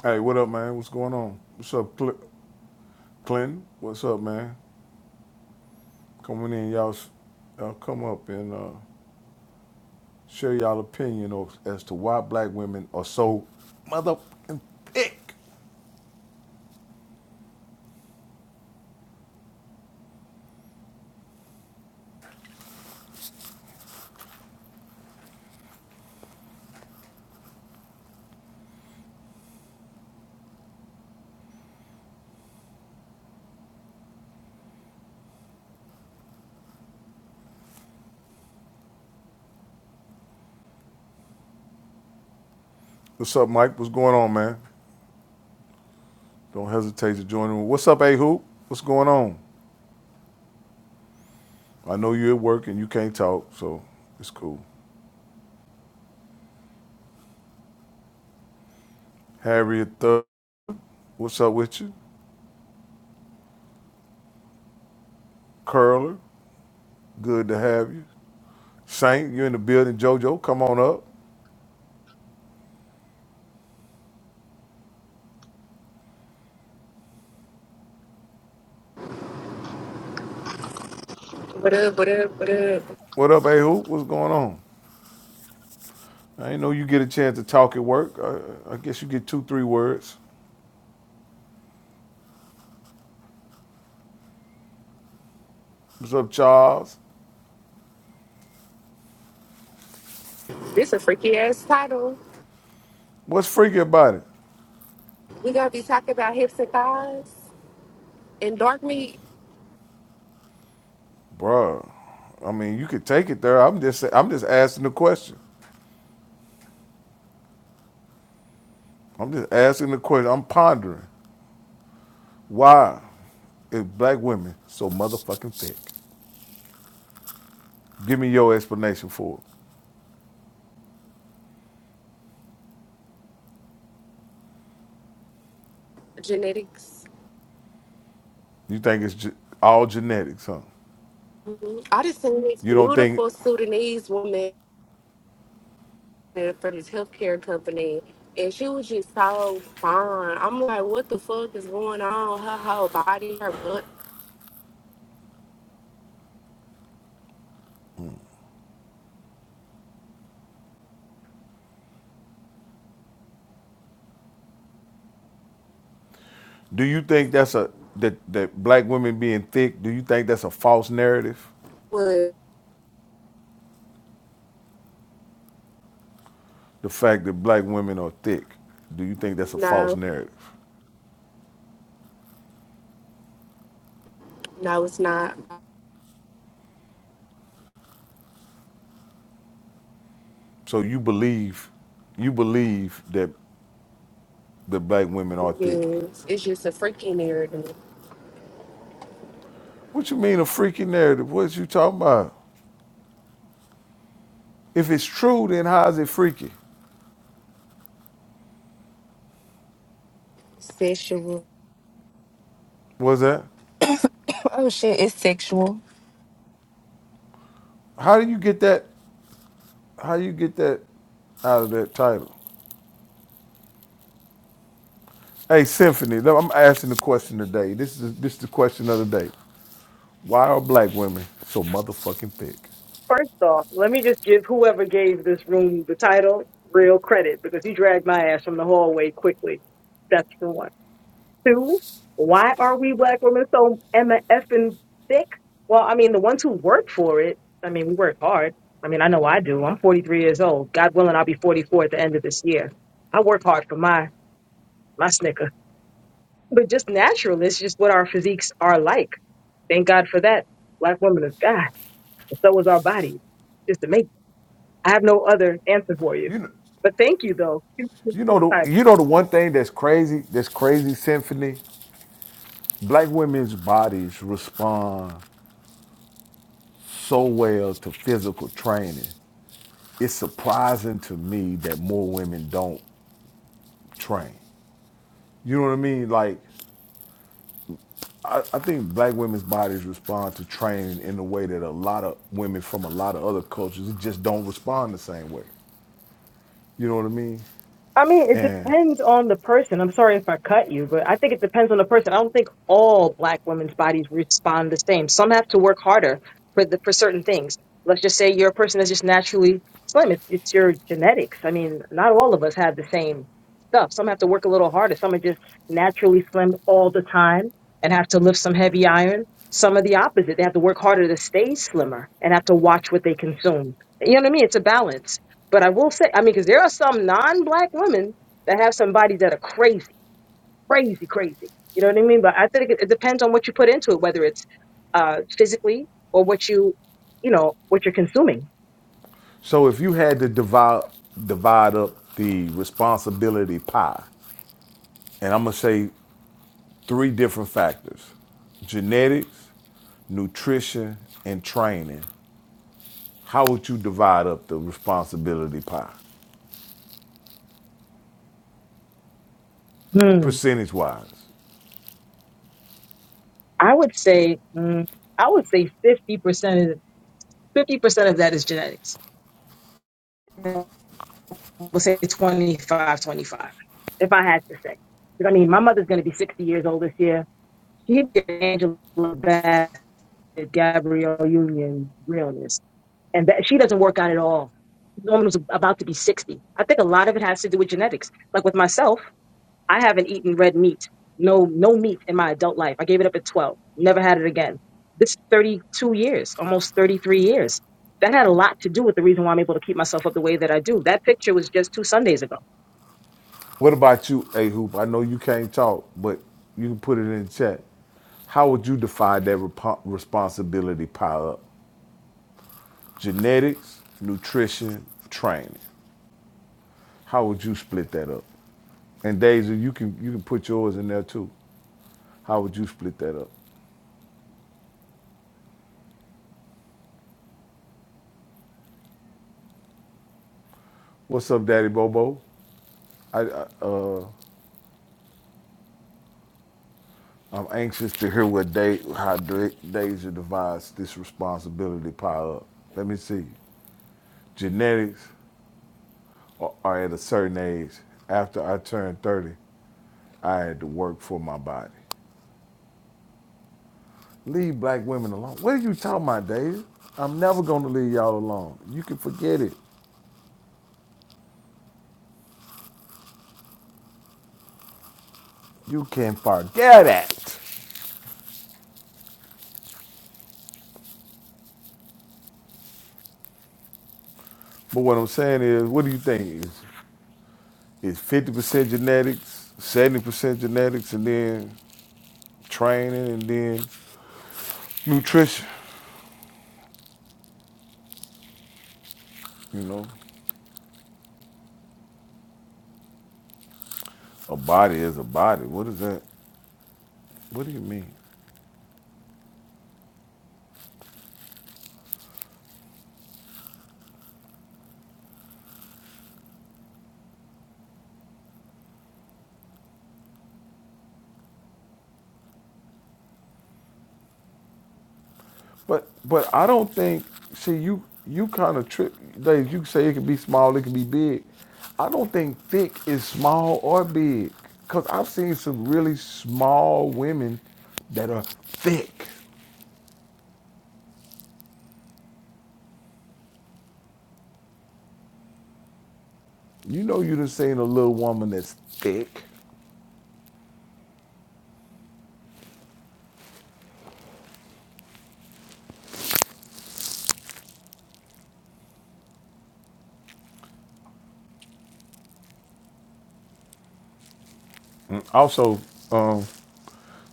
Hey, what up, man? What's going on? What's up, Cl- Clinton? What's up, man? Coming in, y'all, s- come up and uh, share y'all opinion of, as to why black women are so motherfucking thick. What's up, Mike? What's going on, man? Don't hesitate to join in. What's up, A Hoop? What's going on? I know you're at work and you can't talk, so it's cool. Harriet Thug, what's up with you? Curler, good to have you. Saint, you are in the building. JoJo, come on up. What up, what up, what up? What up, A Hoop? What's going on? I know you get a chance to talk at work. I, I guess you get two, three words. What's up, Charles? This a freaky ass title. What's freaky about it, We gonna be talking about hips and thighs and dark meat Bruh, I mean, you could take it there. I'm just, I'm just asking the question. I'm just asking the question. I'm pondering why is black women so motherfucking thick? Give me your explanation for it. genetics. You think it's ge- all genetics, huh? Mhm. I just seen this You don't think? beautiful Sudanese woman from this healthcare company and she was just so fine. I'm like, what the fuck is going on? Her whole body, her butt Do you think that's a that that black women being thick? Do you think that's a false narrative? was the fact that black women are thick, do you think that's a false no, narrative? no, it's not. So you believe you believe that the black women are thick. Yes, It's just a freaking narrative. What you mean a freaky narrative? What you talking about? If it's true, then how is it freaky? Sexual. Was that? Oh shit, it's sexual. How do you get that? How do you get that out of that title? Hey, Symphony, no, I'm asking the question today. This is this is the question of the day. Why are black women so motherfucking thick? First off, let me just give whoever gave this room the title real credit because he dragged my ass from the hallway quickly. That's for one. Two, why are we black women so Emma effing thick? Well, I mean, the ones who work for it, I mean, we work hard. I mean, I know I do. I'm 43 years old. God willing, I'll be 44 at the end of this year. I work hard for my my snicker. But just natural, it's just what our physiques are like. Thank God for that. Black women is God. And so is our bodies. Just amazing. I have no other answer for you. You know, But thank you though. You know the you know the one thing that's crazy, that's crazy symphony. Black women's bodies respond so well to physical training. It's surprising to me that more women don't train. You know what I mean? Like I, I think black women's bodies respond to training in a way that a lot of women from a lot of other cultures just don't respond the same way. You know what I mean? I mean, it And depends on the person. I'm sorry if I cut you, but I think it depends on the person. I don't think all black women's bodies respond the same. Some have to work harder for the for certain things. Let's just say you're a person that's just naturally slim. It's, it's your genetics. I mean, not all of us have the same. stuff. Some have to work a little harder. Some are just naturally slim all the time and have to lift some heavy iron. Some are the opposite. They have to work harder to stay slimmer and have to watch what they consume. You know what I mean? It's a balance. But I will say, I mean, because there are some non black women that have some bodies that are crazy, crazy, crazy. You know what I mean? But I think it, it depends on what you put into it, whether it's uh, physically or what you, you know, what you're consuming. so if you had to divide divide up the responsibility pie, and I'm gonna say three different factors genetics, nutrition, and training. How would you divide up the responsibility pie, Hmm. percentage wise? I would say, mm, I would say 50% 50% of that is genetics. We'll say 25, 25. if I had to say. Because I mean, my mother's going to be 60 years old this year. She's Angela Bassett, Gabrielle Union, realness. And that, she doesn't work out at all. The woman was about to be 60. I think a lot of it has to do with genetics. Like with myself, I haven't eaten red meat, no no meat in my adult life. I gave it up at 12. Never had it again. This is 32 years, almost 33 years. That had a lot to do with the reason why I'm able to keep myself up the way that I do. That picture was just two Sundays ago. What about you, A Hoop? I know you can't talk, but you can put it in the chat. How would you divide that repo responsibility pie up? Genetics, nutrition, training. How would you split that up? And Daisy, you can you can put yours in there too. How would you split that up? What's up, Daddy Bobo? I, I uh, I'm anxious to hear what day, how Da- Deja divides this responsibility pile up. Let me see. Genetics are are at a certain age. After I turned 30, I had to work for my body. Leave black women alone. What are you talking about, Deja? I'm never going to leave y'all alone. You can forget it. You can forget it. But what I'm saying is, what do you think? Is, is 50% genetics, 70% genetics, and then training, and then nutrition, you know? A body is a body. What is that? What do you mean? But but I don't think. See, you you kind of trip. Like you say, it can be small, it can be big. I don't think thick is small or big, cause I've seen some really small women that are thick. You know, you done seen a little woman that's thick. Mm, Also, um,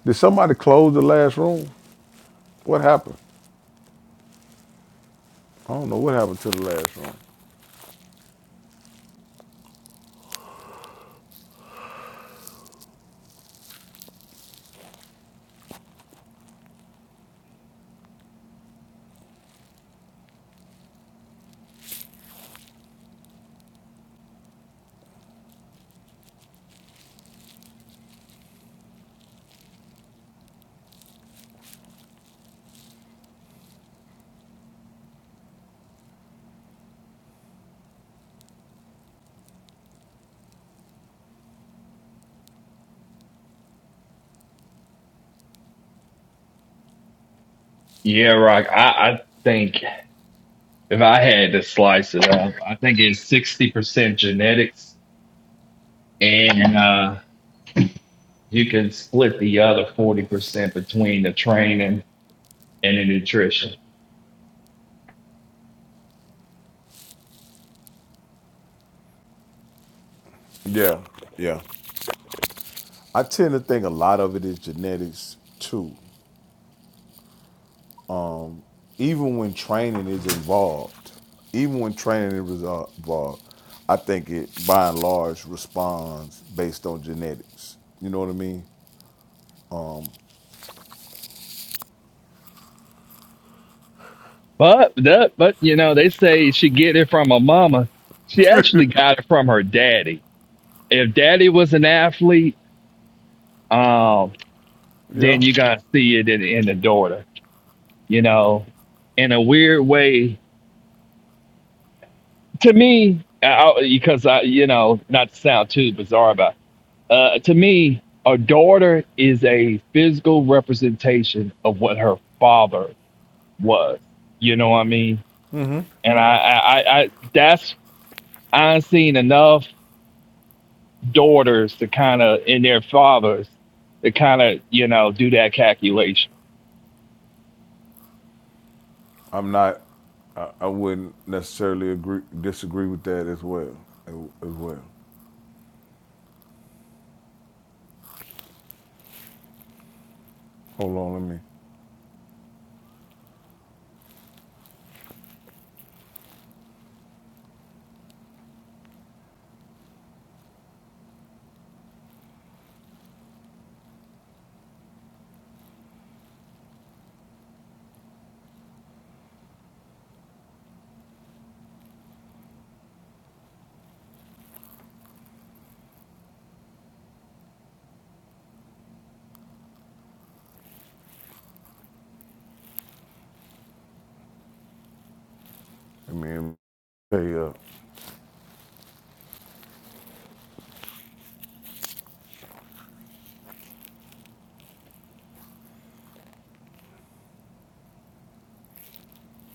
did somebody close the last room? What happened? I don't know what happened to the last room. Yeah, Rock. I, I think if I had to slice it up, I think it's sixty percent genetics, and uh, you can split the other forty percent between the training and the nutrition. Yeah, yeah. I tend to think a lot of it is genetics too. Even when training is involved, even when training is uh, involved, I think it by and large responds based on genetics. You know what I mean? But that, but you know, they say she get it from her mama. She actually got it from her daddy. If daddy was an athlete, um, Yeah. then you gotta see it in, in the daughter. You know, in a weird way, to me, I, I- because I, you know, not to sound too bizarre about, it, uh, to me, a daughter is a physical representation of what her father was. You know what I mean? And I, I, I, I that's I've seen enough daughters to kind of in their fathers to kind of you know do that calculation. I'm not. I, I wouldn't necessarily agree disagree with that as well. As well. Hold on, let me. Let me Hey, uh,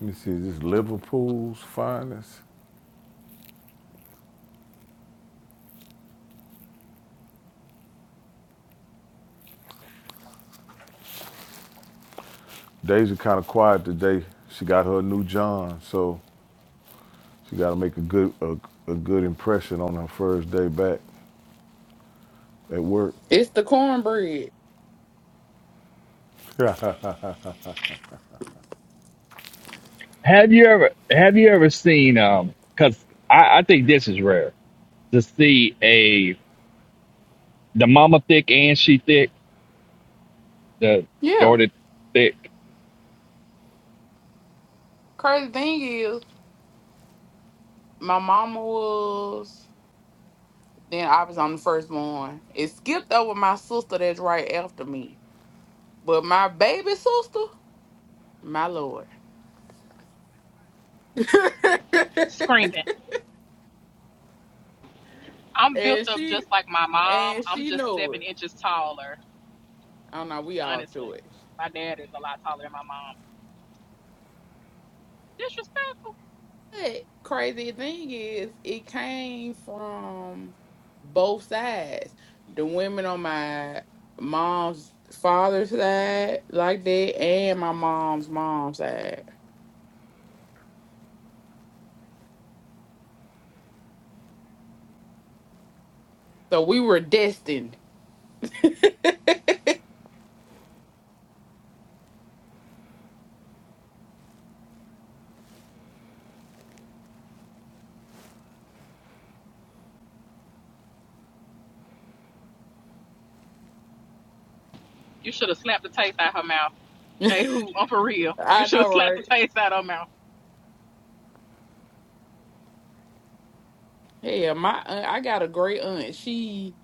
let me see, is this Liverpool's finest? Deja kind of quiet today. She got her new John, so She got to make a good a, a good impression on her first day back at work. It's the cornbread. Have you ever have you ever seen um? Because I, I think this is rare to see a the mama thick and she thick. the, the Yeah. Dorted thick. Crazy thing is, my mama was, then I was on the first one. It skipped over my sister that's right after me. But my baby sister, my lord. Screaming. I'm built and up she just like my mom. and I'm she just know seven it. inches taller, I don't know, we all honestly. to it. My dad is a lot taller than my mom. Disrespectful. But crazy thing is, it came from both sides. The women on my mom's father's side, like that, and my mom's mom's side. So we were destined. You should have slapped the taste out of her mouth. Hey, who? I'm for real. You I should have know, slapped the right? taste out of her mouth. Yeah, my aunt, I got a great aunt. She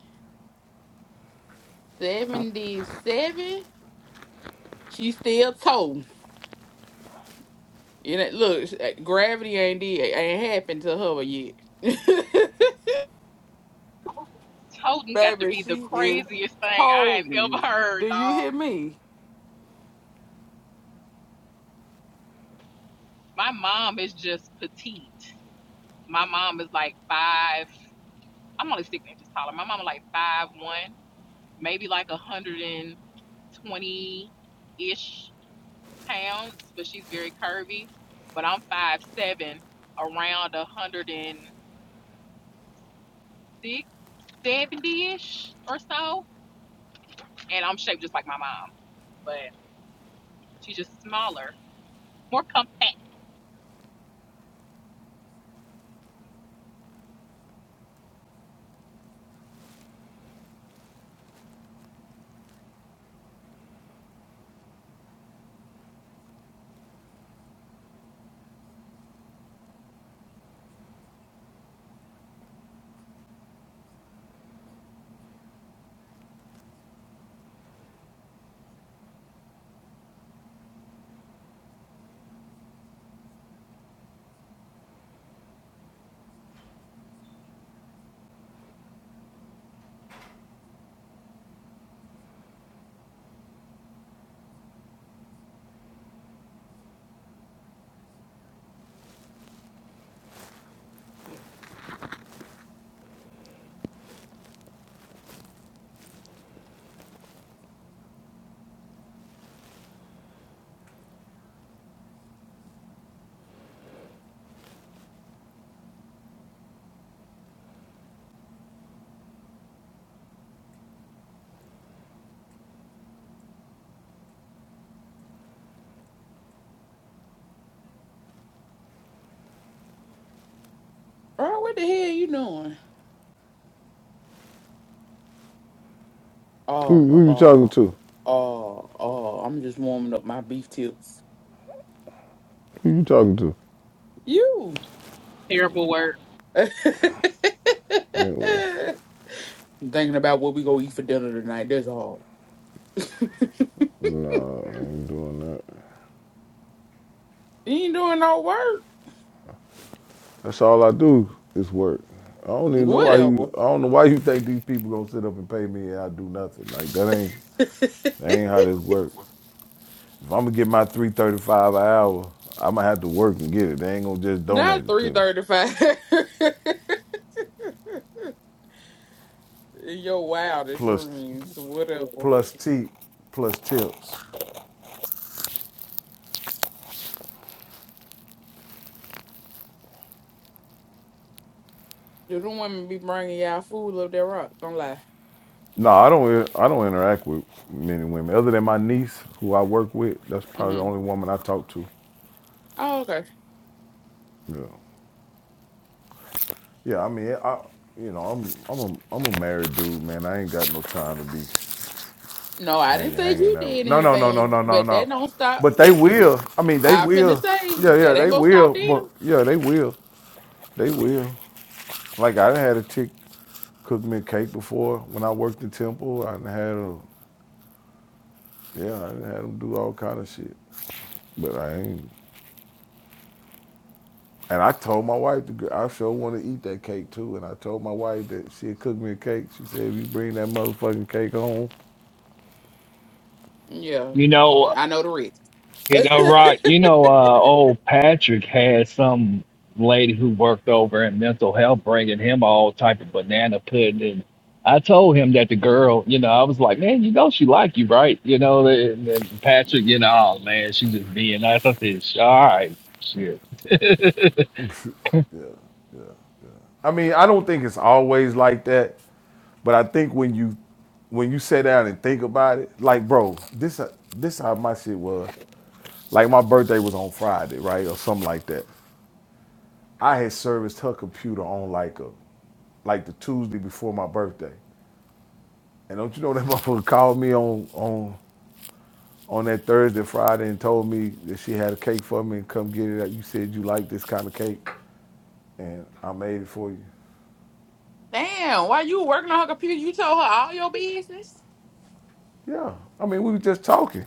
seventy seven. She still told. You know, look, gravity ain't did ain't happened to her yet. Toting got to Baby, be the she is craziest thing I ain't holding. ever Do heard, you dog. hear me? My mom is just petite. My mom is like five. I'm only six inches taller. My mom is like five one, maybe like a hundred and twenty ish pounds, but she's very curvy. But I'm five seven, around a hundred and six, seventy ish or so, and I'm shaped just like my mom, but she's just smaller, more compact. Bro, what the hell you doing? Who, Oh, who you talking oh, to? oh, oh. I'm just warming up my beef tips. Who you talking to? You. Terrible word. Anyway, I'm thinking about what we gonna eat for dinner tonight. That's all. no, I ain't doing that. You ain't doing no work. That's all I do. It's work. I don't even know why you. Whatever. I don't know why you think these people gonna sit up and pay me and I do nothing. Like that ain't that ain't how this work. If I'm gonna get my three thirty five an hour, I'm gonna have to work and get it. They ain't gonna just Not donate it to three me. thirty-five. In your wildest Plus, dreams, whatever. plus tip, plus tips. You don't want me be bringing y'all food up there, rock. Don't lie. No, I don't. I don't interact with many women other than my niece, who I work with. That's probably the Mm-hmm. only woman I talk to. Oh, okay. Yeah, yeah. I mean, I, you know, I'm, I'm, a, I'm a married dude, man. I ain't got no time to be No, I hanging, didn't say you hanging out. did No, no, no, no, anything, no, no, but that no. don't stop. But they Listen, will. I mean, they I finna will. say Yeah, yeah, that ain't they gonna stop will. But them. yeah, they will. They will. Like I done had a chick cook me a cake before when I worked in Temple. I done had a, yeah, I done had them do all kind of shit. But I ain't. And I told my wife, I sure want to eat that cake too. And I told my wife that she had cooked me a cake. She said, if you bring that motherfucking cake home. Yeah, You know, I know the risk. you know, right? You know, uh, old Patrick had some lady who worked over in mental health bringing him all type of banana pudding. And I told him that the girl, you know, I was like, man, you know, she like you, right? You know, and, and Patrick, you know, oh man, she just being nice. I said, "Sh- all right, shit. I mean, I don't think it's always like that, but I think when you when you sit down and think about it, like bro, this this how my shit was. Like my birthday was on Friday, right, or something like that. I had serviced her computer on like a like the Tuesday before my birthday. And don't you know that motherfucker called me on on on that Thursday, Friday, and told me that she had a cake for me and come get it. You said you like this kind of cake, and I made it for you. Damn, why you working on her computer? You told her all your business. Yeah, I mean, we were just talking.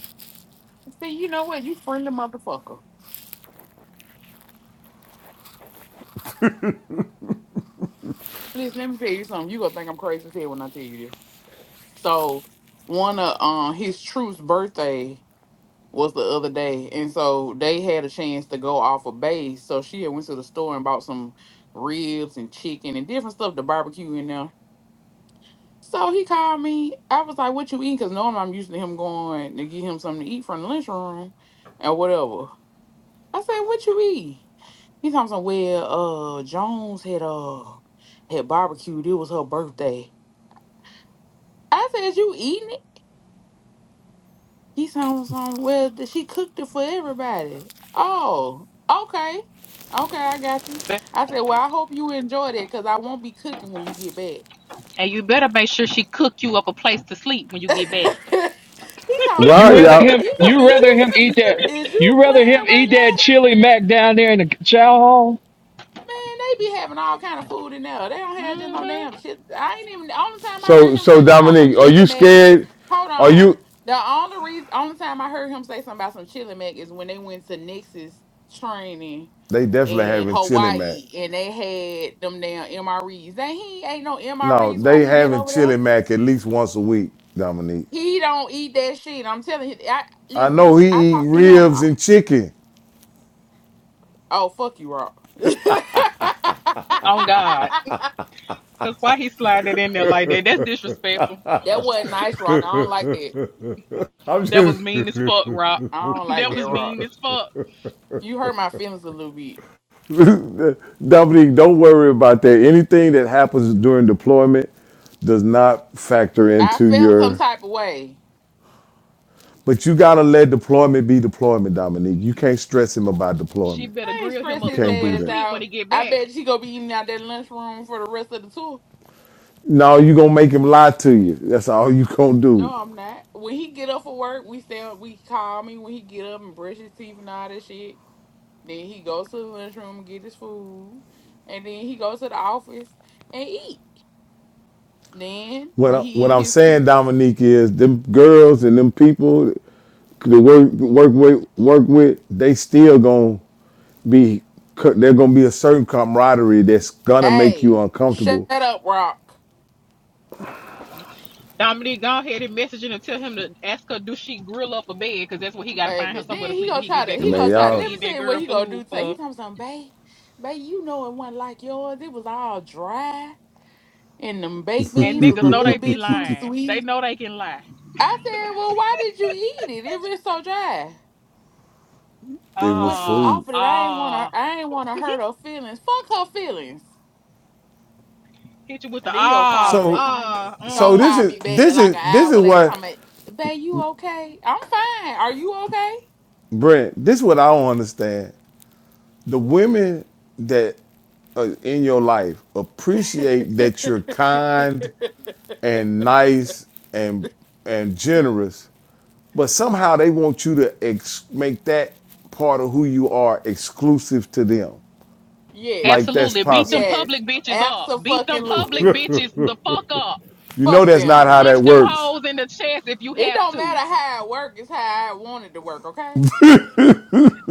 See, you know what? You friendly motherfucker. Listen, let me tell you something. You gonna think I'm crazy as hell when I tell you this. So, one of um his truth's birthday. was the other day, and so they had a chance to go off a base. So she had went to the store and bought some ribs and chicken and different stuff to barbecue in there. So he called me. I was like, "What you eating?" Because normally I'm used to him going to get him something to eat from the lunchroom and whatever. I said, "What you eat?" He talking some well, uh, Jones had uh had barbecued. It was her birthday. I said, "You eating?" it?" He sounds some well th- she cooked it for everybody. Oh, okay. Okay, I got you. I said, Well, I hope you enjoyed it because I won't be cooking when you get back. And you better make sure she cooked you up a place to sleep when you get back. he sounds from Wow, you you rather y'all. him, he talking you is rather you him eat that, is you you rather him playing right eat now? that chili mac down there in the chow hall. Man, they be having all kind of food in there. They don't have just no damn Mm-hmm. shit. I ain't even the only time I heard So, him say so something about some Dominique, are chili you mac. scared? Hold Are you? on. The only reason only time I heard him say something about some chili mac is when they went to Nix's training They definitely in having chili mac. Hawaii and they had them damn MREs. They he ain't no No, MREs while they he been having over there. chili mac at least once a week, Dominique. He don't eat that shit. I'm telling you. I I listen. know I he eat talked to him. ribs I- and chicken. oh fuck you, Rock. Oh God, that's why he sliding it in there like that. That's disrespectful. That wasn't nice, Rock. I don't like that. I'm That was just mean as fuck, Rock. I don't like that that, was Rock. mean as fuck. You hurt my feelings a little bit. Dominique, don't worry about that. Anything that happens during deployment does not factor I into felt some your. type of way. But you gotta let deployment be deployment, Dominique. You can't stress him about She deployment. better I ain't grill him stressed You up his can't somewhere do to ass that. sleep when out. he get I back. bet she gonna be eating out that lunchroom for the rest of the tour. No, you gonna make him lie to you. That's all you gonna do. No, I'm not. When he get up for work, we say we call me when he get up and brush his teeth and all that shit. Then he goes to the lunchroom and get his food. And then he goes to the office and eat. Then What I, when he what eat I'm his saying, Dominique, is them girls and them people to work work with work with, they still gonna be. They're gonna be a certain camaraderie that's gonna make you Hey, shut uncomfortable up, Rock. Dominique, go ahead and message him and tell him to ask her, do she grill up a bed? Because that's what he got to find her baby. Then somewhere to he sleep when gonna he try get to back. Because he what the Man, gonna try. fuck you y'all, Let me eating tell that you what girl he gonna do. food Today. He for? talking something, babe. Babe, you know it wasn't like yours. It was all dry, and them baked And beans was niggas a know little they be bit too lying. They sweet. know they can lie. I said, well, why did you eat it? It was so dry. it Well, was she Ah, food. offered it. I ain't wanna ah. I ain't wanna hurt her feelings. Fuck her feelings. Hit you with And the then he'll call ah, me later. So, Time ah, he'll so mm. this call is me back this like is an this is hour later. what Time, babe, you okay? I'm fine. Are you okay? Brent. This is what I don't understand. The women that are in your life appreciate that you're kind and nice and and generous, but somehow they want you to ex- make that part of who you are exclusive to them. yes. Like that's Absolutely. Beat them possible. Yes. public bitches up. Beat them public Absolutely. bitches the fuck up. You know Fuck that's not them. how that Punch them works. hoes in the chest if you It have don't matter to. how it work, it's how I want it to work, okay?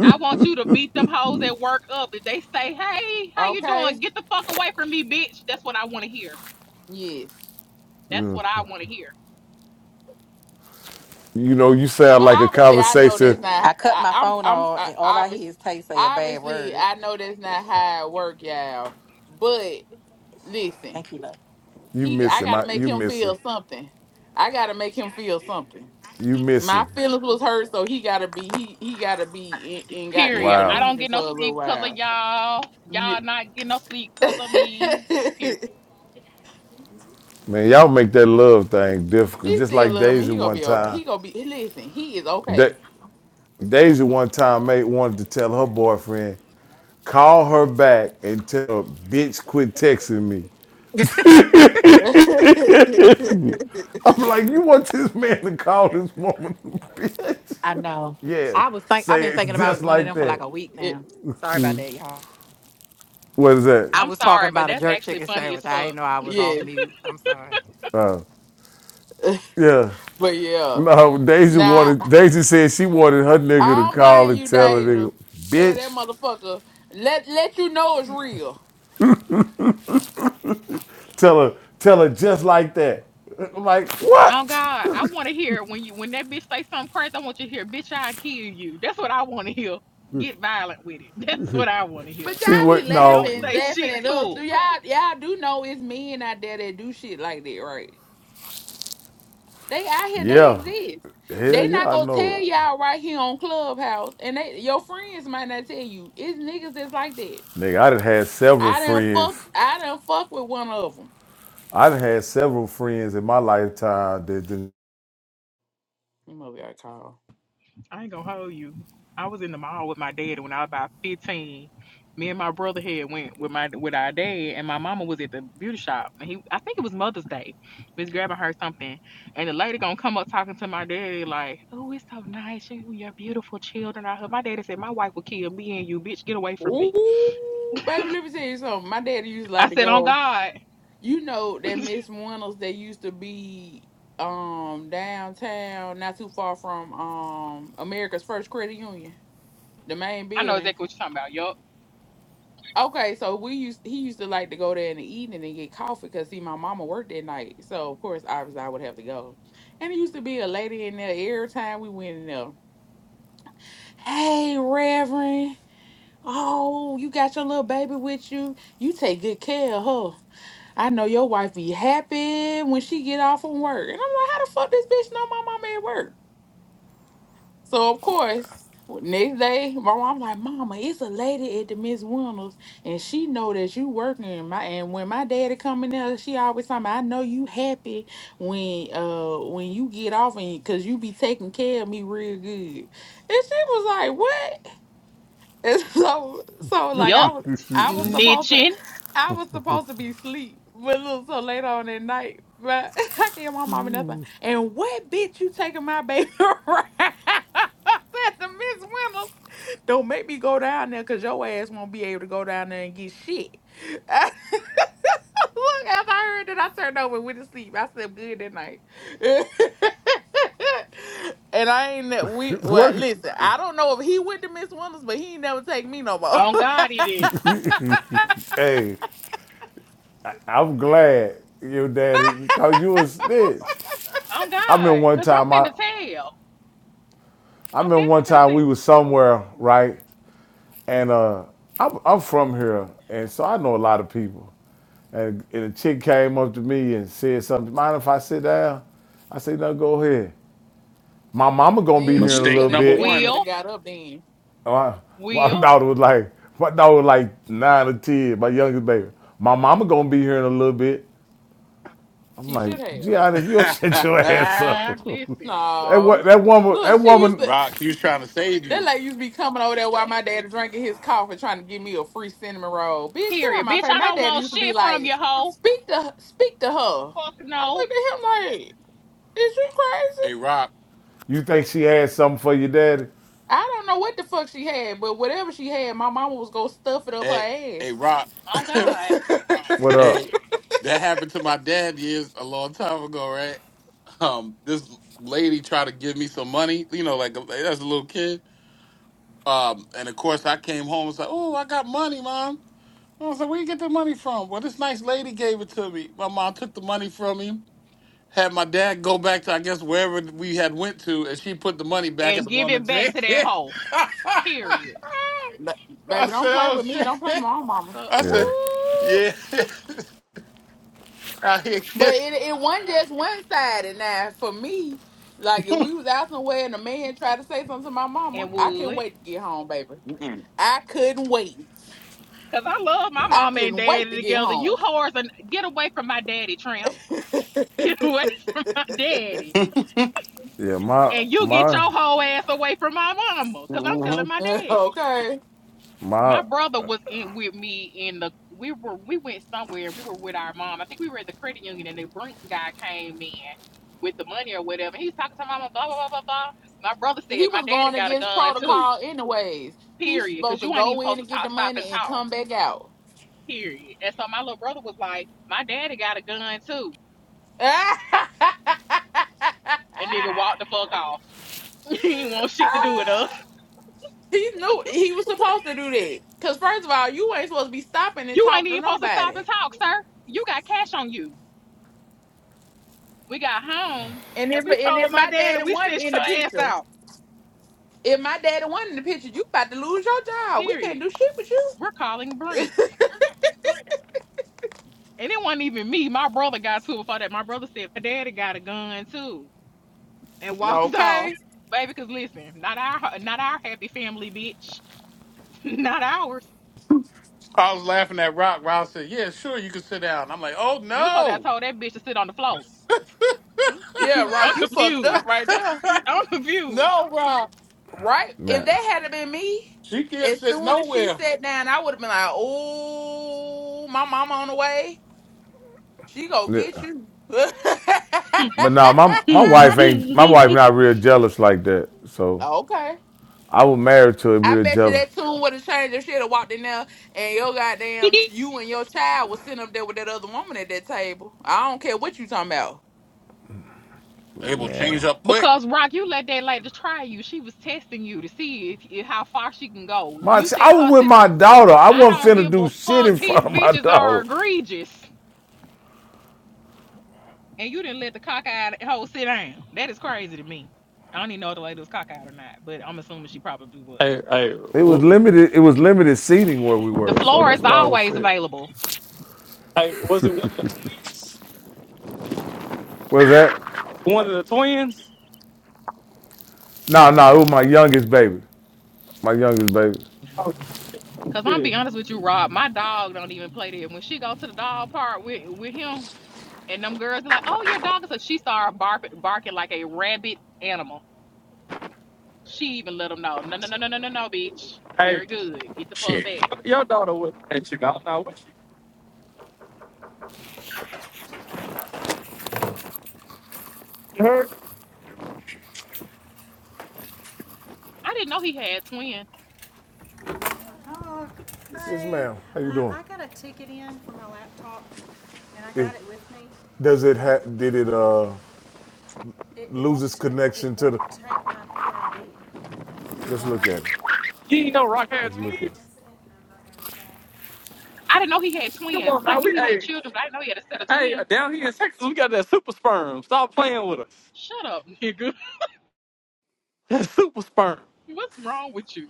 I want you to beat them hoes at work up. If they say, hey, how you Okay? doing? Get the fuck away from me, bitch. That's what I want to hear. Yes. That's what I want to hear. You know, you sound But like a obviously I know that's conversation not I cut I, my I'm phone I'm off, I, and all I hear obviously is Tay say a bad obviously word. I know that's not how it work, y'all. But listen. Thank you, love. You he I missing gotta my make you him missing. feel something. I gotta make him feel something. You My missing. feelings was hurt, so he gotta be he he gotta be in, in goddamn Period. I Wow. don't delusion get for no a little sleep because of while. y'all. Yeah. Y'all not getting no sleep because of me. Period. Man, y'all make that love thing difficult. he Just still like love me. Daisy He gonna one be okay. time. He gonna be listen. He is Da- okay. Daisy one time mate wanted to tell her boyfriend, call her back and tell her, bitch quit texting me. I'm like, you want this man to call this woman a bitch? I know. yes. I was think I've Say been it thinking just about one of like them for like that. a week It- now. Sorry about that, y'all. What is that? I I'm was talking sorry, but about a that's jerk actually chicken funny sandwich. as I didn't fuck. know I was off yeah, mute. I'm sorry. Uh, yeah. but yeah. No, Daisy Now wanted. I Daisy said she wanted her nigga I to don't call blame and you, tell her Deja. nigga, Tell that bitch, motherfucker. Let let you know it's real. tell her, tell her just like that. I'm like, Oh what? God, I want to hear when you when that bitch say something crazy. I want you to hear, bitch, I kill you. That's what I want to hear. Get violent with it. That's what I want to hear. But y'all See be what? Don't laughing, No, say laughing shit at us. to 'em. Do y'all y'all do know it's men out there that do shit like that, right? They out here, they yeah, exist. hell They yeah, not I gonna know tell it, y'all right here on Clubhouse, and they your friends might not tell you. It's niggas that's like that. nigga. I done had several I done fuck, friends. I done fuck with one of them. I done had several friends in my lifetime that didn't You must got called. I ain't gonna hold you. I was in the mall with my dad when I was about fifteen. Me and my brother had went with my with our dad, and my mama was at the beauty shop, and he I think it was Mother's Day. We was grabbing her something, and the lady gonna come up talking to my daddy like, "Oh, it's so nice, you and your beautiful children out here." My daddy said, "My wife will kill me and you, bitch. Get away from me." Ooh, baby, let me tell you something. My daddy used to like I to said, "On go. God, You know that Miss Reynolds that used to be um downtown, not too far from um America's First Credit Union, the main I know building. exactly what you're talking about. Yup, Okay, so we used he used to like to go there in the evening and get coffee because see my mama worked that night, so of course obviously I would have to go. And it used to be a lady in there every time we went in there. Hey, Reverend. Oh, you got your little baby with you. You take good care of her. I know your wife be happy when she get off from work. And I'm like, how the fuck this bitch know my mama at work? So of course, next day, my mom like, Mama, it's a lady at the Miss Wonders, and she know that you working. And My and when my daddy come in there, she always tell me, I know you happy when uh when you get off and cause you be taking care of me real good. And she was like, What? And so so like I yup, was I was supposed to snitching. I was supposed to be asleep, but it was so late on at night. But I can't my mama nothing. And what bitch you taking my baby around? That's the Miss Winters. Don't make me go down there because your ass won't be able to go down there and get shit. Look, after I heard that, I turned over and went to sleep. I said good that night. and I ain't that we well work. listen, I don't know if he went to Miss Winters, but he ain't never take me no more. On God, he didn't. Hey, I'm glad your daddy because you was snitch. On I mean, God, one cause I'm time I, finna tell. I I'm mean, one definitely finna time tell. we was somewhere, right? And uh, I'm, I'm from here, and so I know a lot of people. And, and a chick came up to me and said something. Mind if I sit down? I said, no, go ahead. My mama gonna be Then here in you a Mistake little should have number you bit. one. should Will." have got up then. My, my Will, daughter was like, my daughter was like nine or ten, my youngest baby. My mama gonna be here in a little bit. I'm She like, should have. Gian, if you don't shut your ass up, listen. that what No. that woman, Look, that she used woman, to Rock, he was trying to save that you. lady used to be coming over there while my daddy drinking his coffee trying to give me a free cinnamon roll. Bitch, get out Period. my Bitch, face. I My don't daddy want used to be shit from like, you, hoe. speak to speak to her. Fuck I no. looked at him like, is you crazy? Hey, Rock. you think she had something for your daddy? I don't know what the fuck she had, but whatever she had, my mama was gonna stuff it up her Hey, hey, ass. Rock. Oh God. What hey, up? that happened to my dad years a long time ago, right? Um, this lady tried to give me some money, you know, like like, as a little kid. Um, and of course, I came home and was like, "Oh, I got money, mom." I was like, "Where you get the money from?" Well, this nice lady gave it to me. My mom took the money from me. had my dad go back to I guess wherever we had went to, and she put the money back at And the give it woman's back hand. to that hoe. Period. Ba- I Baby, don't said, play "Oh with me. Don't play with shit!" my mama. Uh, I woo. Yeah, said, "Yeah." I, But hit- it it wasn't just one sided. Now for me, like if we was out somewhere and a man tried to say something to my mama, And I couldn't would. wait to get home, baby. Mm-mm. I couldn't wait. Cause I love my I mama and couldn't wait daddy to get together. You home. whores and get away from my daddy, tramp. Get away from my daddy. yeah. My And you get my your whole ass away from my mama. Cause I'm telling Mhm. my daddy. okay. my My brother was in with me in the we were we went somewhere we were with our mom i think we were at the credit union and the brinks guy came in with the money or whatever he was talking to my mom blah blah blah blah blah my brother He said my was daddy going got a against gun too protocol anyways. He's period supposed because to you ain't go even in supposed and to get the talk stop money and and talk come back out. period and so my little brother was like my daddy got a gun too and nigga walked the fuck off he ain't want shit to do with us He knew he was supposed to do that. Cause first of all, you ain't supposed to be stopping and you ain't talking even to supposed to stop nobody. and talk sir you got cash on you we got home And and if we and if told my my daddy daddy we wasn't stitched in the her ass picture, out if my daddy wasn't in the picture, you about to lose your job. We can't Period. do shit with you. We're calling Brinks. And it wasn't even me. My brother got to it before that. My brother said my daddy got a gun too and walked off. Okay. Baby, because listen, not our not our happy family, bitch. not ours. I was laughing at Rock. Rock said, "Yeah, sure, you can sit down." I'm like, "Oh You was supposed to have no, told that bitch to sit on the floor. Yeah, I'm Rock, you fucked up confused. right there. I'm confused. no, Rock, Right? If man, that hadn't been me, she can't as sit soon as she nowhere." sat down, I would have been like, Oh, my mama on the way. She gonna yeah. get you. but nah, my my wife ain't my wife not real jealous like that. So okay. I was married to a I real bet you jealous that tune would have changed if she had walked in there and your goddamn you and your child was sitting up there with that other woman at that table. I don't care what you talking about. It will change man. up quick. because Rock, you let that lady try you. She was testing you to see if, if how far she can go. My You said I was her with sit. my daughter. I I don't wasn't finna give do a shit fuck. in front These of my bitches are daughter. egregious. and you didn't let the cockeyed hoe sit down. That is crazy to me. I don't even know if the lady was cockeyed or not, but I'm assuming she probably was. Hey, hey, It was w- limited. It was limited seating where we The were. So floor is that's why I was always sick. available. hey, was it What Was that? one of the twins? No, nah, no, nah, it was my youngest baby. My youngest baby. Oh, Cause I'm gonna be shit. honest with you, Rob, my dog don't even play there. When she go to the dog park with with him, and them girls be like, "Oh, your dog is," a-" she started barking barking like a rabid animal. She even let them know, "No, no, no, no, no, no, no, bitch. Hey, Very good. Get the fuck shit. back." Your daughter was at you out now. What you heard? I didn't know he had twins. Yes, Yes, ma'am. How you doing? I It, it does it ha- did it uh loses connection to the. Let's look at it. She ain't no rock hand Let's look at twins. it. I didn't know he had Come twins. on I now, knew we he had hey, children, but I didn't know he had a set of hey, twins. down here in Texas, we got that super sperm. Stop playing with us. Shut up, nigga. That super sperm. What's wrong with you?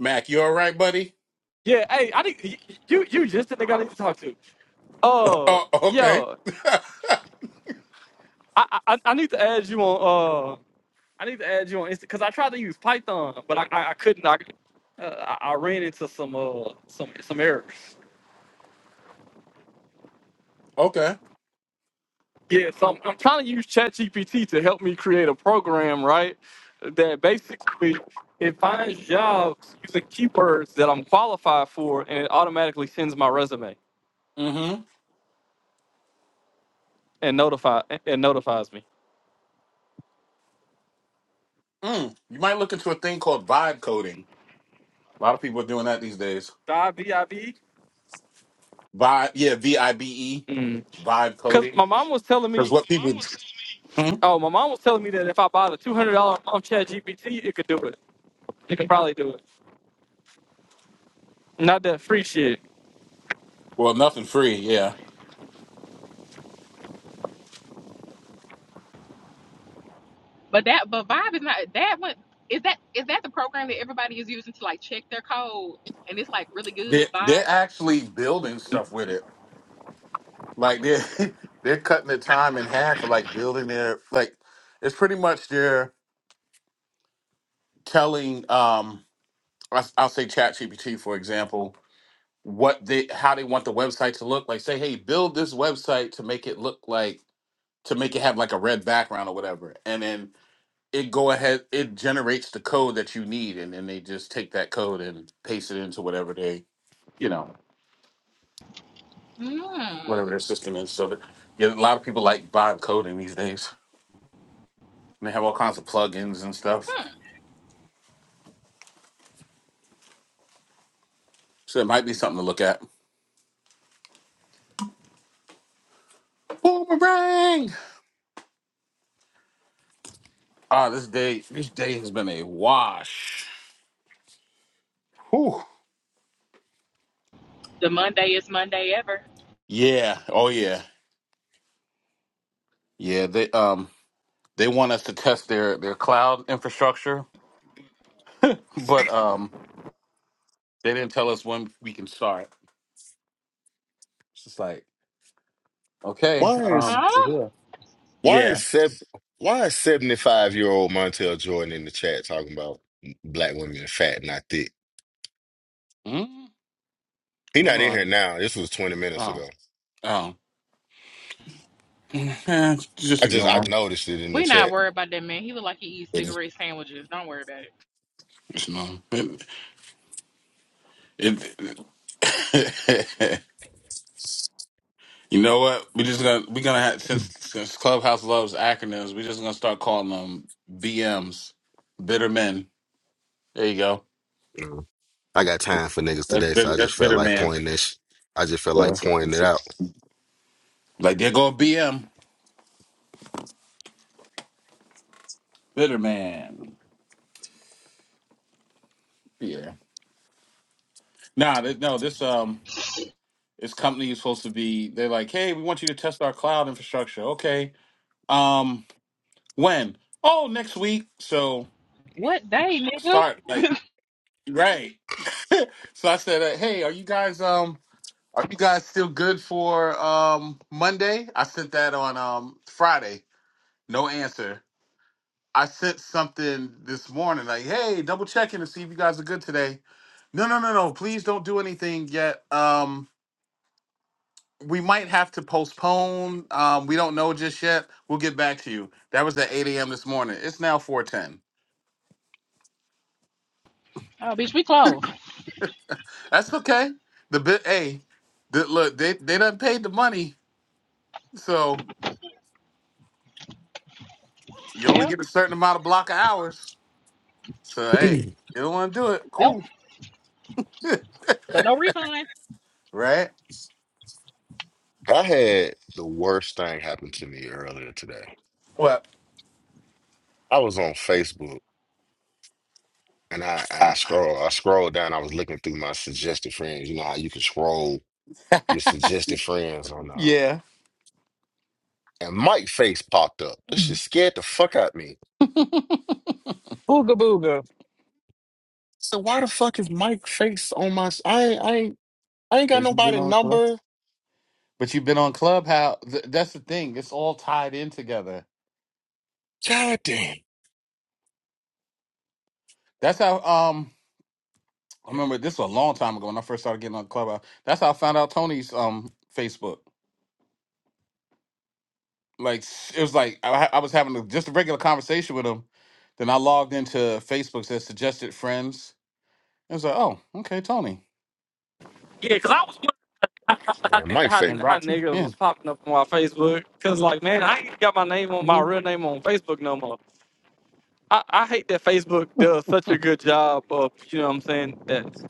Mac, you all right, buddy? Yeah, hey, I think y- you you just the nigga I need to talk to. Uh, Oh, okay, yo, I I, I I need to add you on. uh, I need to add you on Insta because I tried to use Python, but I I, I couldn't. I, uh, I I ran into some uh some some errors. Yeah, so I'm, I'm trying to use ChatGPT to help me create a program, right? That basically it finds jobs using keywords that I'm qualified for, and it automatically sends my resume okay. and notify and notifies me. Mm, you might look into a thing called vibe coding. A lot of people are doing that these days. Dot V-I-V? Vibe, yeah, V I B E, Mm. vibe Cause coding. my mom was telling Because me, what people, Hmm? oh, my mom was telling me that if I bought a two hundred dollar month ChatGPT, it could do it. It could probably do it. Not that free shit. well, nothing free. Yeah, But that but Vibe is not that one is that is that the program that everybody is using to like check their code and it's like really good they're they're Vibe? actually building stuff with it. Like they're they're cutting the time in half for like building their like. It's pretty much they're telling um I, I'll say ChatGPT for example what they how they want the website to look like. Say hey, build this website to make it look like to make it have like a red background or whatever. And then it go ahead, it generates the code that you need, and then they just take that code and paste it into whatever they, you know, Mm. whatever their system is. So that yeah, a lot of people like vibe coding these days. And they have all kinds of plugins and stuff. Hmm. So it might be something to look at. Boomerang! Ah, this day, this day has been a wash. Whew. The Monday is Monday ever. Yeah. Oh yeah. Yeah. They um they want us to test their their cloud infrastructure, but um They didn't tell us when we can start. It's just like, okay, Why is um, Huh? We're here. why yeah. is Seb why is 75 year old Montel Jordan in the chat talking about black women are fat, not thick? Mm, He hold not in here on. now. This was 20 minutes Oh, ago. oh, Eh, just I just I ignore noticed it in the we not chat. worried about that man. He look like he eats them. cigarette sandwiches. Don't worry about it. Just ignore 'em. It, it- you know what? We're just gonna we're gonna have since since Clubhouse loves acronyms, we're just gonna start calling them BMs, bitter men. There you go. Mm. I got time for niggas That's today, so bitter, I just that's felt bitter like man. pointing that sh I just felt Yeah. like pointing it out. Like there go a BM, bitter man. Yeah. Nah, th- no, this um. This company is supposed to be. They're like, hey, we want you to test our cloud infrastructure. Okay. Um, when? Oh, next week. So What day, nigga? start like right. so I said, uh, hey, are you guys um are you guys still good for um Monday? I sent that on um Friday. No answer. I sent something this morning like, hey, double checking to see if you guys are good today. No, no, no, no. Please don't do anything yet. Um we might have to postpone. Um, we don't know just yet. We'll get back to you. That was at 8 a.m. this morning. It's now 4:10. Oh bitch, we closed. That's okay. The bit, hey, the, look, they they done paid the money, so you only Well, get a certain amount of block of hours. So hey, you don't want to do it, well, cool, but no refund. right? I had the worst thing happen to me earlier today. What? I was on Facebook and I, I I, scroll I scrolled down, I was looking through my suggested friends. You know how you can scroll your suggested friends on uh Yeah, and Mike face popped up. This shit scared the fuck out of me. Ooga booga. So why the fuck is Mike face on my? s- I ain't, I ain't, I ain't got 'cause you've been nobody on club, number. but you've been on Clubhouse. Th- that's the thing. It's all tied in together. God damn. That's how. Um, I remember this was a long time ago when I first started getting on Clubhouse. That's how I found out Tony's um Facebook. Like s- it was like I, ha- I was having a, just a regular conversation with him. Then I logged into Facebook said suggested friends. It was like, oh, okay, Tony Yeah, cause I was And wondering like, Mike how, face. and how, how Roxy. niggas Yeah, was popping up on my Facebook. Cause like, man, I ain't got my name on my hmm real name on Facebook no more. I, I hate that Facebook does such a good job of you know what I'm saying. That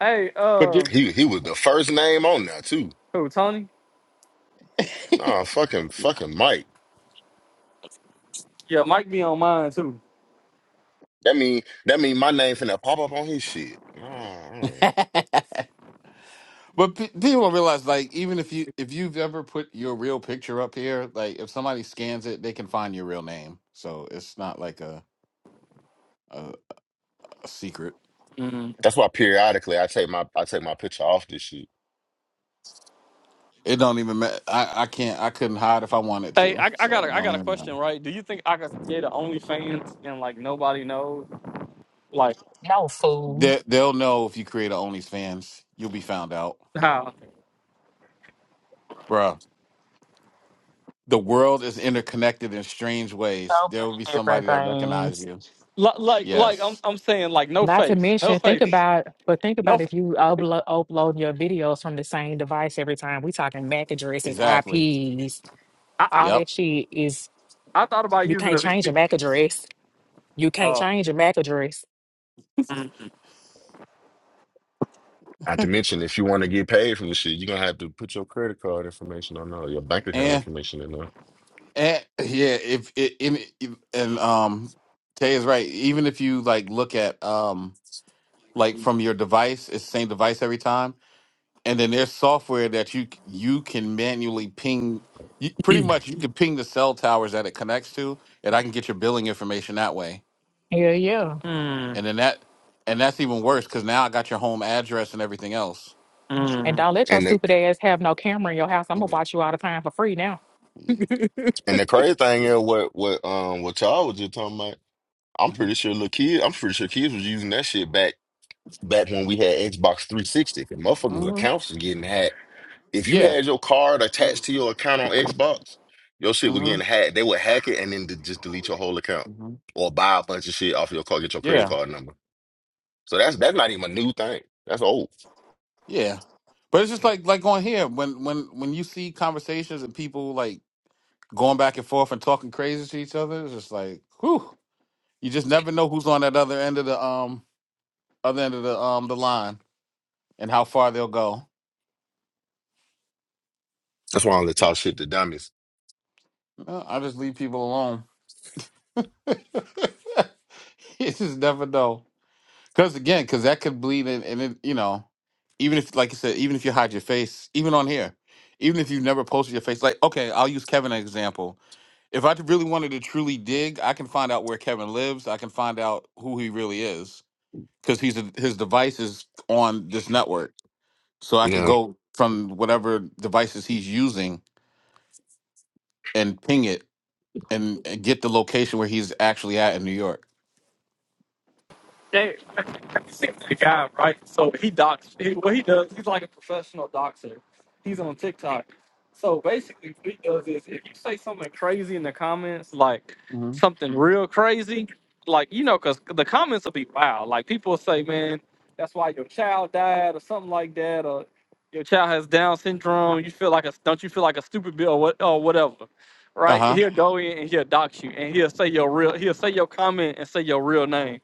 hey, but you- uh, He he was the first name on there too. who Tony? Nah, fucking fucking Mike. Yeah, Mike be on mine too. That mean that mean my name finna pop up on his shit. Nah, mm. but pe- people don't realize like even if you if you've ever put your real picture up here, like if somebody scans it, they can find your real name. So it's not like a a, a secret. Mhm. that's why periodically I take my I take my picture off this shit. It don't even matter. I, I can't. I couldn't hide if I wanted Hey, to. I, I got So it a I don't got a even matter. question, right? Do you think I could create an OnlyFans and like nobody knows? Like No fool. They, they'll know if you create a OnlyFans. You'll be found out, how? bruh. The world is interconnected in strange ways. So There will be many different somebody that things. recognizes you. Like like like I'm Yes, I'm saying like no Not to face, no mention, think face, about, but think no about if you upload upload your videos from the same device every time. We talking MAC addresses, exactly. IPs, face. all Yep. that shit is I thought about you using a can't V change P your MAC address. You N. can't Uh, change your MAC address. mm, Not to mention, if you want to get paid from this shit, you're gonna have to put your credit card information on there, your bank account And information in and yeah, if it in if- and um Tay is right. Even if you like look at um like from your device, it's the same device every time. and then there's software that you c- you can manually ping you, pretty there. much you can ping the cell towers that it connects to and i can get your billing information that way Yeah, yeah. mm, and then that and that's even worse because now i got your home address and everything else mm. And don't let your And the, stupid ass have no camera in your house. I'm gonna yeah watch you all the time for free now. yeah he, And the crazy thing is, what what um what y'all was just talking about, I'm hmm pretty sure little kid, I'm pretty sure kids was using that shit back back when we had Xbox 360. And motherfuckers' hmm accounts was getting hacked. If you yeah had your card attached to your account on Xbox, your shit was hmm getting hacked. They would hack it and then de- just delete your whole account hmm or buy a bunch of shit off your card, get your credit yeah card number. So that's that's not even a new thing. That's old. yeah but it's just like That's like on here when when when you see conversations and people like going back and forth and talking crazy to each other it's just like whew you just never know who's on that other end of the um other end of the um the line and how far they'll go. why I only talk shit to dummies. Uh, I just leave people alone. you just never know. Because again, because that could bleed in, and it, you know, even if, like you said, even if you hide your face, even on here, even if you've never posted your face, like, okay, I'll use Kevin as an example. If I really wanted to truly dig, I can find out where Kevin lives. I can find out who he really is because he's a, his device is on this network. So I You could know, go from whatever devices he's using and ping it and and get the location where he's actually at in New York. Damn, the guy, right? So he docs. He, what he does, he's like a professional doxer. He's on TikTok. So basically, what he does is if you say something crazy in the comments, like hmm something real crazy, like you know, because the comments will be wild. Like people will say, "Man, that's why your child died," or something like that, or "Your child has Down syndrome." You feel like a don't you feel like a stupid bill or what or whatever, right? Uh-huh. He'll go in and he'll dox you, and he'll say your real. He'll say your comment and say your real name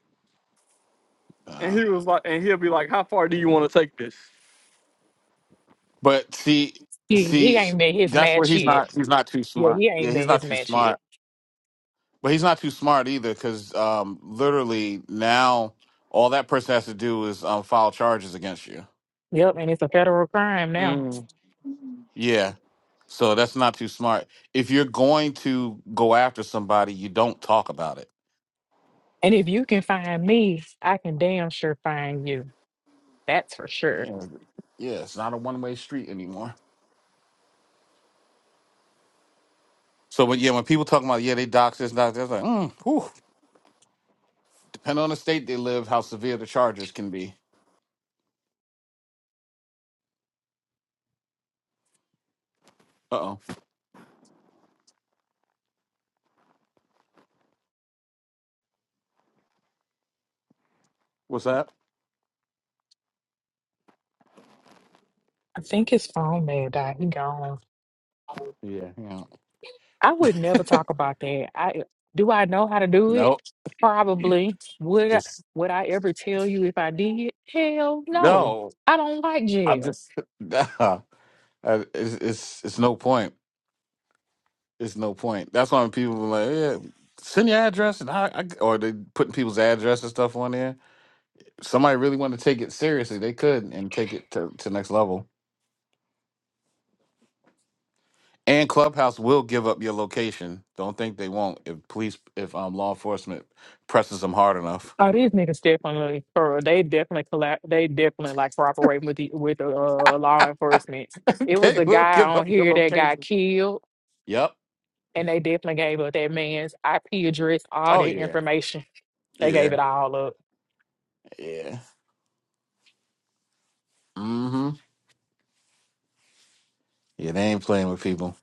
and Uh, he was like, and he'll be like, "How far do you want to take this?" but see, he see, ain't met his that's where match he's yet. not. He's not too Yeah, smart. he Yeah, ain't he's met not his too match yet. smart. But he's not too smart either, because um, literally now all that person has to do is um, file charges against you. Yep, and it's a federal crime now. Mm. Yeah. So that's not too smart. If you're going to go after somebody, you don't talk about it. And if you can find me, I can damn sure find you. That's for sure. Yeah, yeah it's not a one way street anymore. So, but yeah, when people talk about yeah, they dox this, dox that, it's like, mm, whew. Depending on the state they live, how severe the charges can be. Uh oh. What's that? I think his phone may have died. He gone. Yeah. Yeah. I would never talk about that. I do I know how to do it? Nope. Probably. Would I, Just would I ever tell you if I did? Hell no. no. I don't like I'm jail. just. Nah. Uh, It's, it's it's no point. It's no point. That's why when people are like, yeah, send your address and I, I or they putting people's address and stuff on there. If somebody really want to take it seriously, they could and take it to to next level. And Clubhouse will give up your location. Don't think they won't. If police, if um law enforcement presses them hard enough, Oh, these niggas definitely for they definitely collab, they definitely like cooperating with the with the uh, law enforcement. It was they a will guy give up on your here that location. got killed, Yep. and they definitely gave up that man's IP address, all Oh their yeah. information. They Yeah. gave it all up. Yeah. Mm-hmm. Yeah, they ain't playing with people.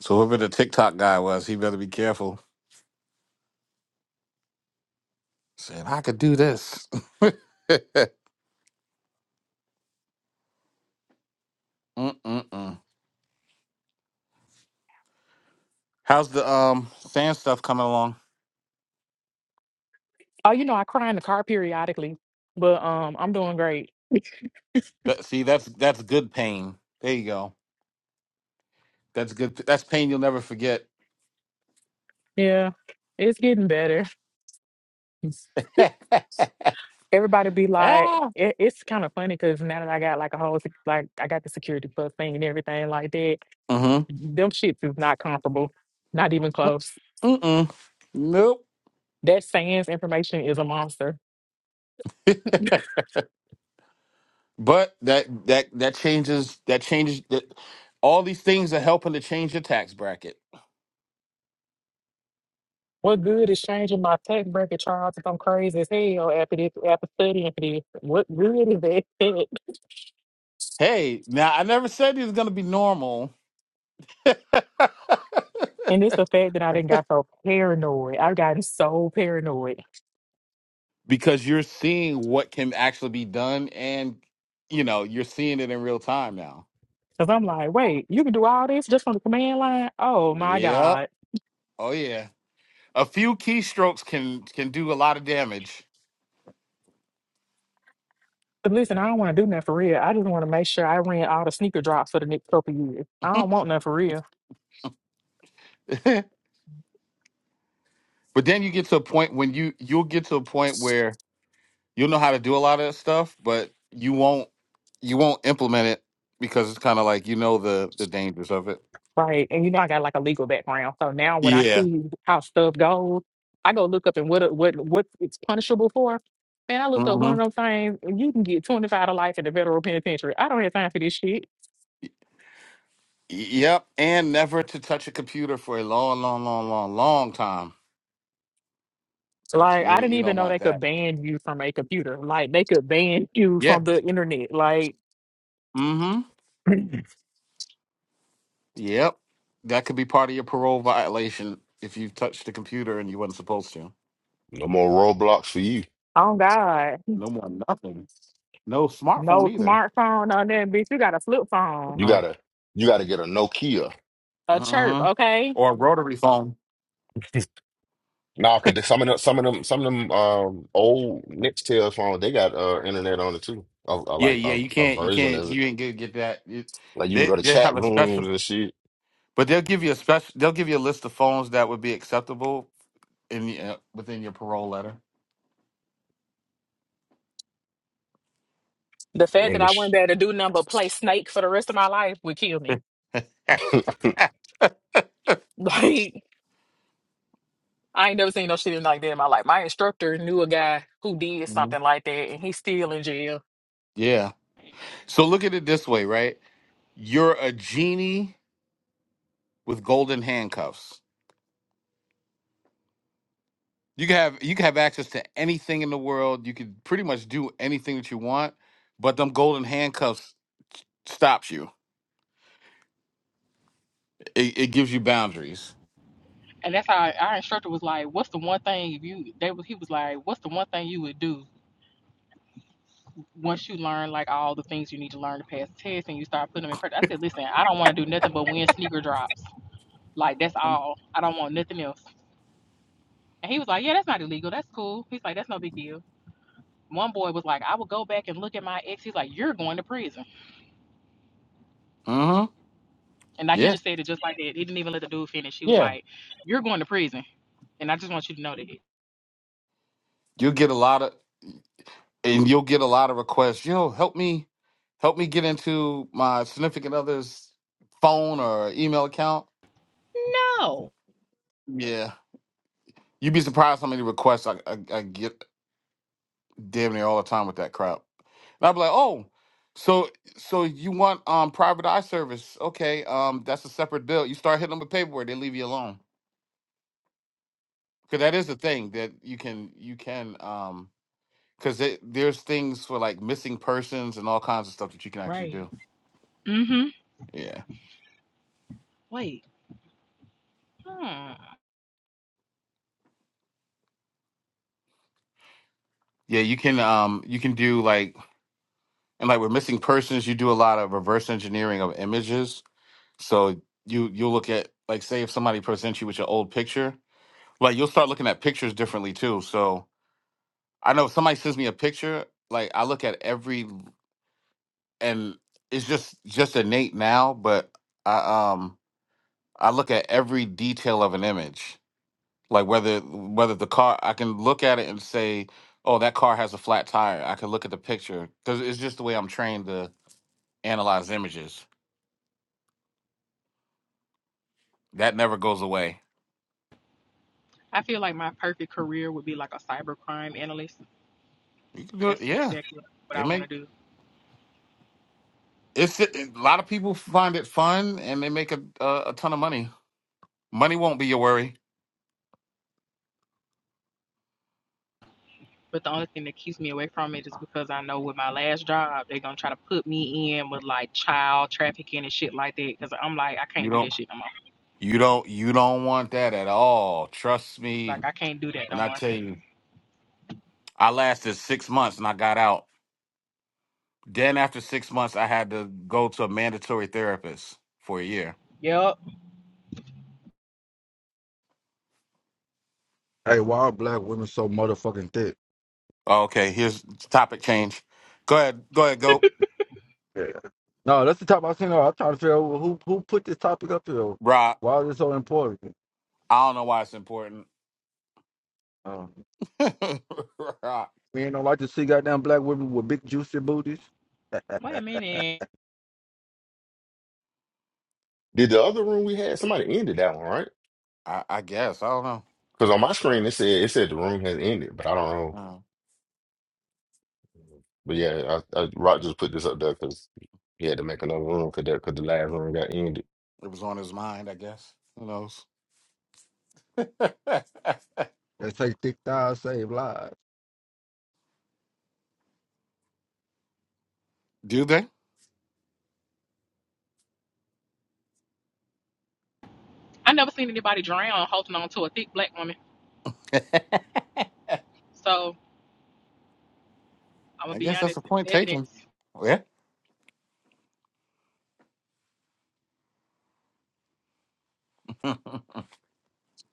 So whoever the TikTok guy was, he better be careful. Saying I could do this. Mm-mm-mm. How's the um sand stuff coming along? Oh, you know, I cry in the car periodically, but um, I'm doing great. That, see, that's that's good pain. There you go. That's good. That's pain you'll never forget. Yeah, it's getting better. Everybody be like, mm-hmm. it, it's kind of funny because now that I got like a whole, sec- like I got the security plus thing and everything like that, them shits is not comparable, not even close. Mm-mm. Nope. That sans information is a monster. But that that that changes. That changes. That all these things are helping to change your tax bracket. What good is changing my tax bracket, Charles, if I'm crazy as hell after this, after studying for this? What good is that? Hey, now I never said it's going to be normal And it's the fact that I didn't got so paranoid. I've gotten so paranoid. because you're seeing what can actually be done and you know, you're seeing it in real time now. Cause I'm like, wait, you can do all this just from the command line? Oh my Yep. God. Oh yeah. A few keystrokes can can do a lot of damage. But listen, I don't want to do nothing for real. I just want to make sure I ran all the sneaker drops for the next couple years. I but don't want nothing for real. then you get to a point when you you'll get to a point where you'll know how to do a lot of that stuff, but you won't you won't implement it because it's kind of like you know the the dangers of it. Right. And you know I got like a legal background. So now when I Yeah. see how stuff goes, I go look up and what what what it's punishable for. Man, I looked up one of them things and you can get 25 to life in the federal penitentiary. I don't have time for this shit. Yep, and never to touch a computer for a long, long, long, long, long time. Like I You didn't you even don't know they want could that. ban you from a computer. Like they could ban you Yeah. from the internet. Like, Mm-hmm. Yep. That could be part of your parole violation if you've touched the computer and you wasn't supposed to. no more Roblox for you. oh God. No more nothing. No smartphone No either. smartphone on there, bitch. You got a flip phone, You Uh gotta you gotta get a Nokia. a chirp, huh. okay? Or a rotary phone. Nah, cause they- some of them, some of them, some of them um, old Nextel phones, they got uh, internet on it too, a, a, Yeah, like yeah. a, You a can't. You version can't. of it. You ain't gonna get that. You, Like you can they go to they chat have a special, rooms and shit. but they'll give you a special. They'll give you a list of phones that would be acceptable in the, uh, within your parole letter. The The fact that I wouldn't English. be able to do nothing but play Snake for the rest of my life would kill me. Like, I ain't never seen no shit like that in my life. My instructor knew a guy who did Mhm. something like that, and he's still in jail. Yeah. So look at it this way, right? You're a genie with golden handcuffs. You can have you can have access to anything in the world. You could pretty much do anything that you want, but them golden handcuffs stops you. It, it gives you boundaries. And that's how our instructor was like, "What's the one thing if you?" They was he was like, "What's the one thing you would do once you learn like all the things you need to learn to pass the test and you start putting them in practice?" I said, "Listen, I don't want to do nothing but win sneaker drops. Like that's all. I don't want nothing else." And he was like, Yeah, that's not illegal. That's cool. He's like, That's no big deal. One boy was like, I will go back and look at my ex. He's like, You're going to prison. Mm-hmm. And now he Yes. just said it just like that. He didn't even let the dude finish. He was Yeah. like, You're going to prison. And I just want you to know that. You'll get a lot of and you'll get a lot of requests. You know, help me help me get into my significant other's phone or email account. Oh, Yeah. You'd be surprised how many requests I, I, I get damn near all the time with that crap. And I'd be like, oh, so so you want um private eye service? Okay, um that's a separate bill. You start hitting them with paperwork, they leave you alone. Cause that is the thing that you can you can um because there's things for like missing persons and all kinds of stuff that you can actually right. do. Mm-hmm. Yeah, Wait. Hmm. yeah, you can um you can do like and like with missing persons, you do a lot of reverse engineering of images. So you you look at like say if somebody presents you with your old picture like you'll start looking at pictures differently too. So I know if somebody sends me a picture, like I look at every and it's just just innate now, but I um I look at every detail of an image. Like whether whether the car I can look at it and say, "Oh, that car has a flat tire." I can look at the picture cuz it's just the way I'm trained to analyze images. That never goes away. I feel like my perfect career would be like a cybercrime analyst. You can do it. That's Yeah. exactly what They I want make to do. it's a lot of people find it fun and they make a a, a ton of money. Money won't be your worry. But the only thing that keeps me away from it is because I know with my last job, they're gonna try to put me in with like child trafficking and shit like that. Because I'm like, I You can't do don't that shit no more. you don't you don't want that at all. Trust me Like I can't do that when no I more. tell you I lasted six months and I got out. Then after six months I had to go to a mandatory therapist for a year. Yep. Hey, why are black women so motherfucking thick? Oh, Okay, here's topic change. Go ahead, go ahead, go. Yeah. No, that's the topic I've seen. uh, I'm trying to figure out who who put this topic up here. Rock. Why is it so important? I don't know why it's important. Um, Rock. men don't like to see goddamn black women with big juicy booties Wait a minute. Did the other room we had somebody ended that one right? I, I guess. I don't know. Because on my screen it said it said the room has ended, but I don't know. Uh, But yeah, I, I, Rock just put this up there because he had to make another room because that because the last room got ended. it was on his mind, I guess. Who knows? that say thick thighs save lives. Do they? I never seen anybody drown holding on to a thick black woman. So I'm gonna I be guess that's a honest. point taken. Evidence. Yeah.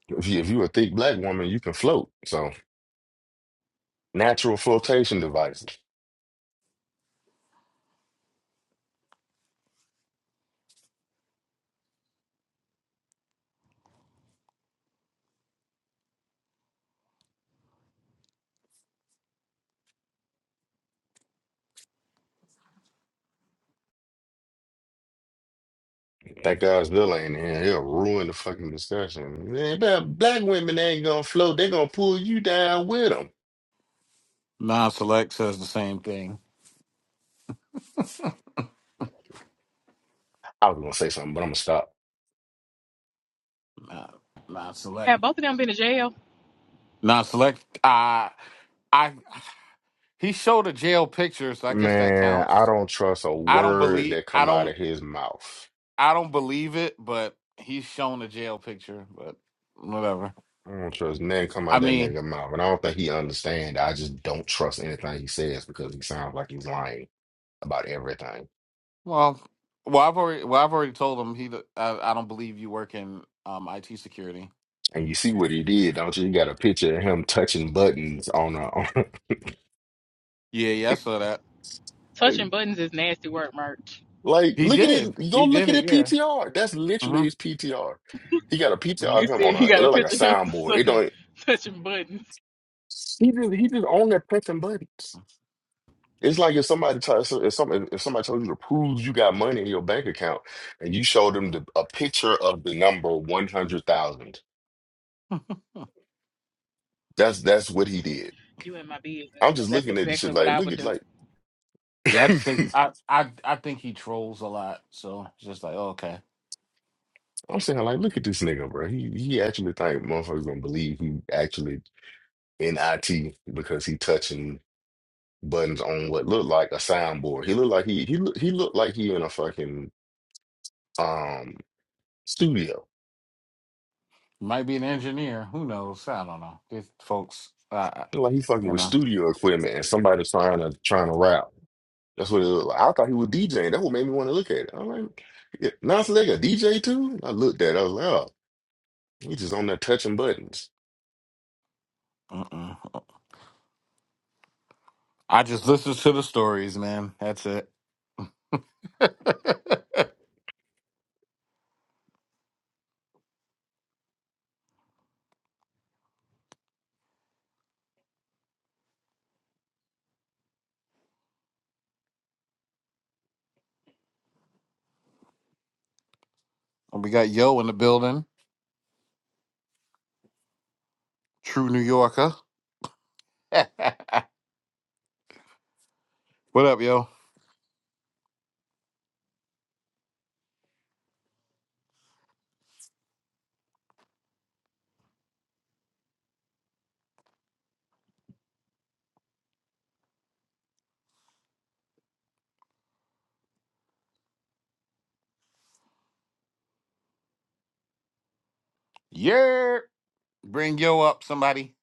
If you if you a thick black woman, you can float. So natural flotation device. That Godzilla in here, he'll ruin the fucking discussion. Man, but black women ain't gonna float. they gonna pull you down with them. Non select says the same thing. I was gonna say something, but I'm gonna stop. Nah, nah, select. Have both of them been to jail? Nah, select. Uh, I he showed a jail picture, so I guess that Man, I counts. don't trust a I don't word believe. that I come out don't. of his mouth. I don't believe it, but he's shown a jail picture. But whatever. I don't trust nothing come I out that mean, nigga mouth. And I don't think he understand. I just don't trust anything he says because he sounds like he's lying about everything. well, well, I've already, well, I've already told him he. d- I, I don't believe you work in um IT security. And you see what he did, don't you? You got a picture of him touching buttons on a Yeah, yeah, I saw that. Touching buttons is nasty work, merch. Like, He look at did. it. He Go did look at it. it Yeah. PTR. That's hmm literally his PTR. He got a PTR You of hmm him see, on a. you It got a look like a picture of him soundboard. son, It don't. touching buttons. He just he just on there pressing buttons. It's like if somebody tries if somebody if somebody told you to prove you got money in your bank account and you showed them the, a picture of the number one hundred thousand. That's that's what he did. You in my business? I'm Cause just that's looking at this exactly shit what like I look would at do. like. Yeah, I just think I, I I think he trolls a lot. So it's just like, oh, okay. I'm saying like look at this nigga, bro. He he actually think motherfuckers gonna believe he actually in IT because he touching buttons on what looked like a soundboard. He looked like he he look, he looked like he in a fucking um studio. Might be an engineer. Who knows? I don't know. These folks, uh, Looked like he fucking you with know. studio equipment and somebody trying to trying to rap. That's what it looked like. I thought he was DJing. That's what made me want to look at it. I'm like, yeah, Nas Nigga, DJ too? I looked at it. I was like, oh, he just on there touching buttons. Mm-mm. I just listen to the stories, man. That's it. And we got Yo in the building, true New Yorker. what up, Yo? Yeah. Bring Yo up, somebody.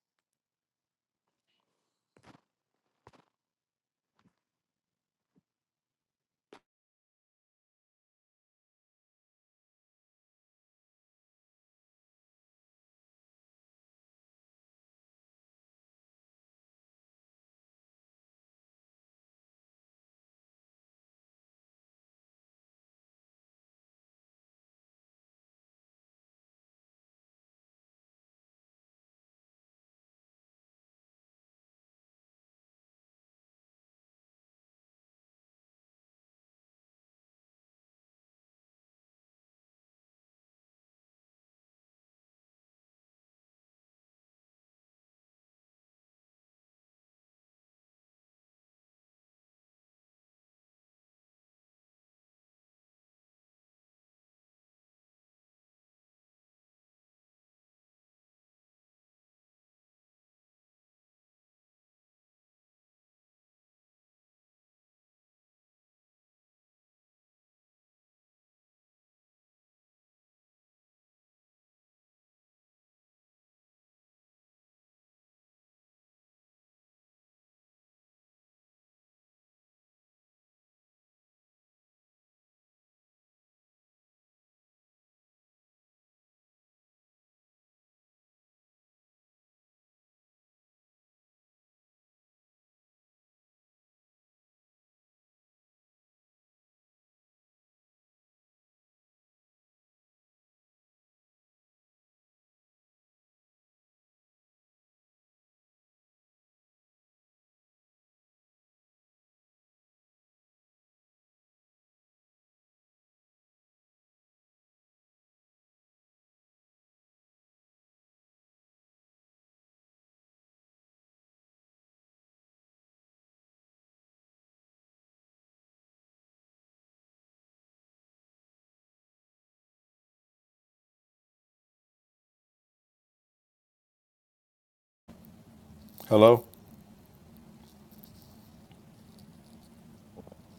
Hello?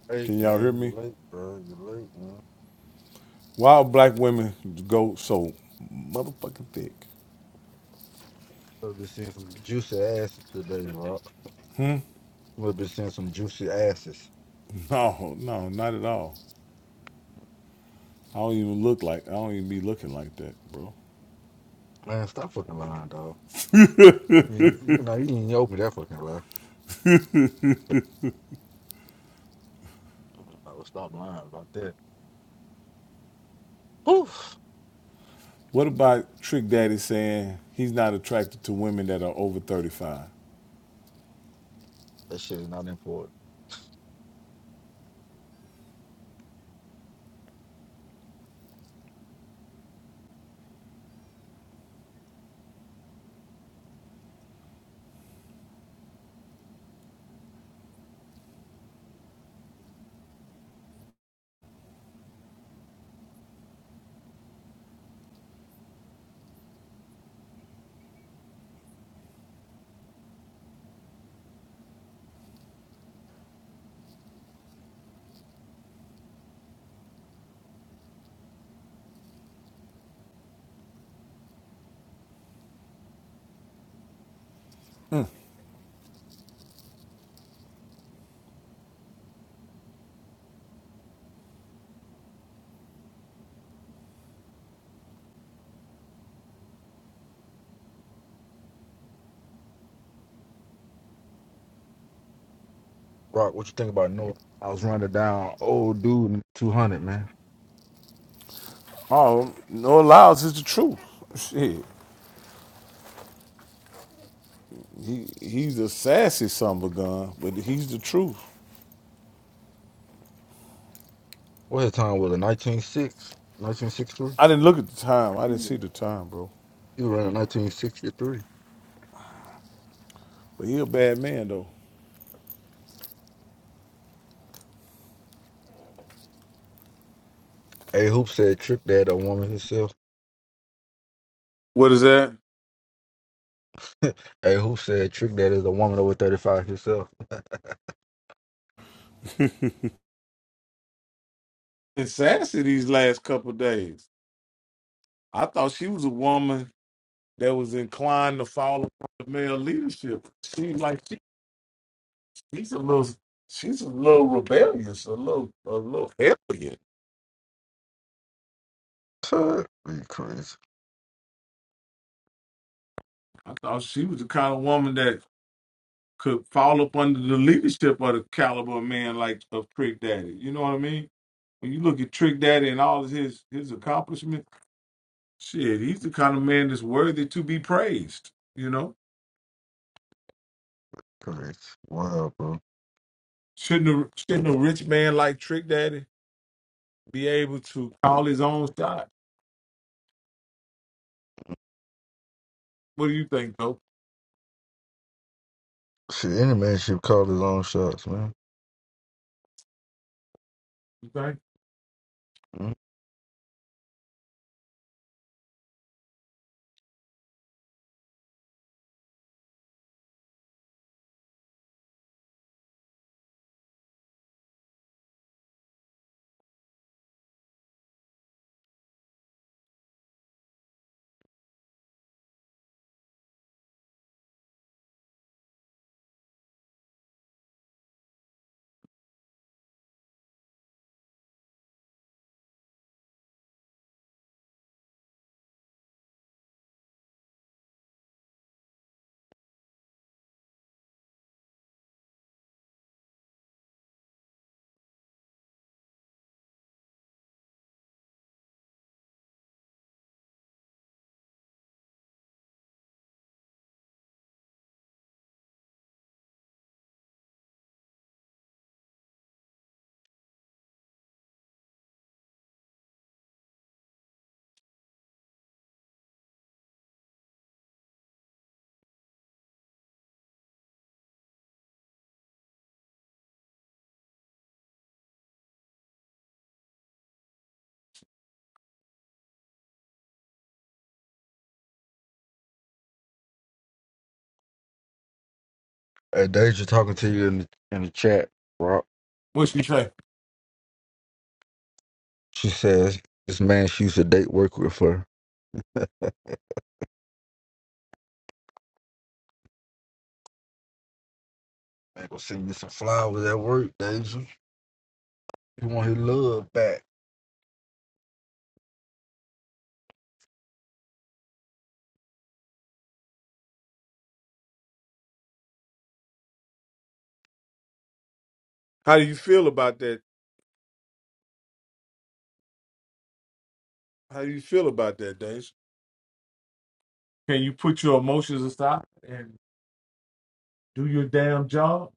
Hey Can y'all hear man, you me? late, bro. You late, man. Why do black women go so motherfucking thick? We've been seeing some juicy asses today, bro. We've been seeing some juicy asses. No, no, not at all. I don't even look like I don't even be looking like that, bro. Man, stop fucking lying, dog. You, you know you didn't open that fucking lie. I No, stop lying about that. Whew, What about Trick Daddy saying he's not attracted to women that are over thirty five? that shit is not important. Rock, what you think about Noah? I was running down old dude in two hundred man. Oh, no allows is the truth. Shit. He he's a sassy son of a gun, but he's the truth. What his time was it? 1906? 1963? I didn't look at the time. I didn't see the time, bro. He was running 1963. But he a bad man though. A Hoop said Trick Dad a woman herself. What is that? A Hoop said Trick Dad is a woman over 35 herself. In Sassy these last couple of days. I thought she was a woman that was inclined to follow the male leadership. She like she, she's a little she's a little rebellious, a little a little hellion. Shit, you crazy. I thought she was the kind of woman that could fall up under the leadership of the caliber of man like of Trick Daddy. You know what I mean? When you look at Trick Daddy and all of his his accomplishments. Shit, he's the kind of man that's worthy to be praised. You know, Crazy. Wow, bro. shouldn't a, shouldn't a rich man like Trick Daddy be able to call his own shot? What do you think, though? Shit, any man should call his own shots, man. You think? Mm. Hey, Deja talking to you in the, in the chat, Rock. What you say? She says this man she used to date work with her. Man, go send you some flowers at work, Deja. He want his love back. How do you feel about that? How do you feel about that, Dash? Can you put your emotions aside and do your damn job?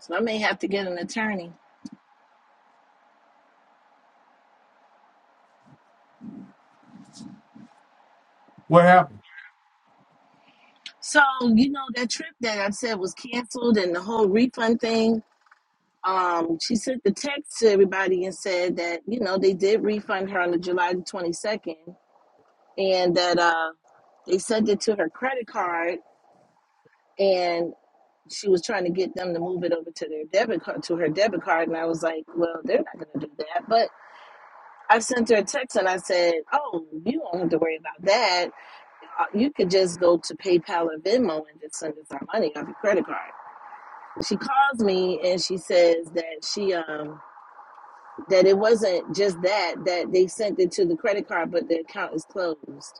So I may have to get an attorney. What happened? So, you know, that trip that I said was canceled and the whole refund thing, um, she sent the text to everybody and said that, you know, they did refund her on the July the 22nd and that uh, they sent it to her credit card and she was trying to get them to move it over to their debit card, to her debit card. And I was like, well, they're not going to do that. But I sent her a text and I said, oh, you don't have to worry about that. Uh, You could just go to PayPal or Venmo and just send us our money off your credit card. She calls me and she says that she um that it wasn't just that that they sent it to the credit card, but the account is closed.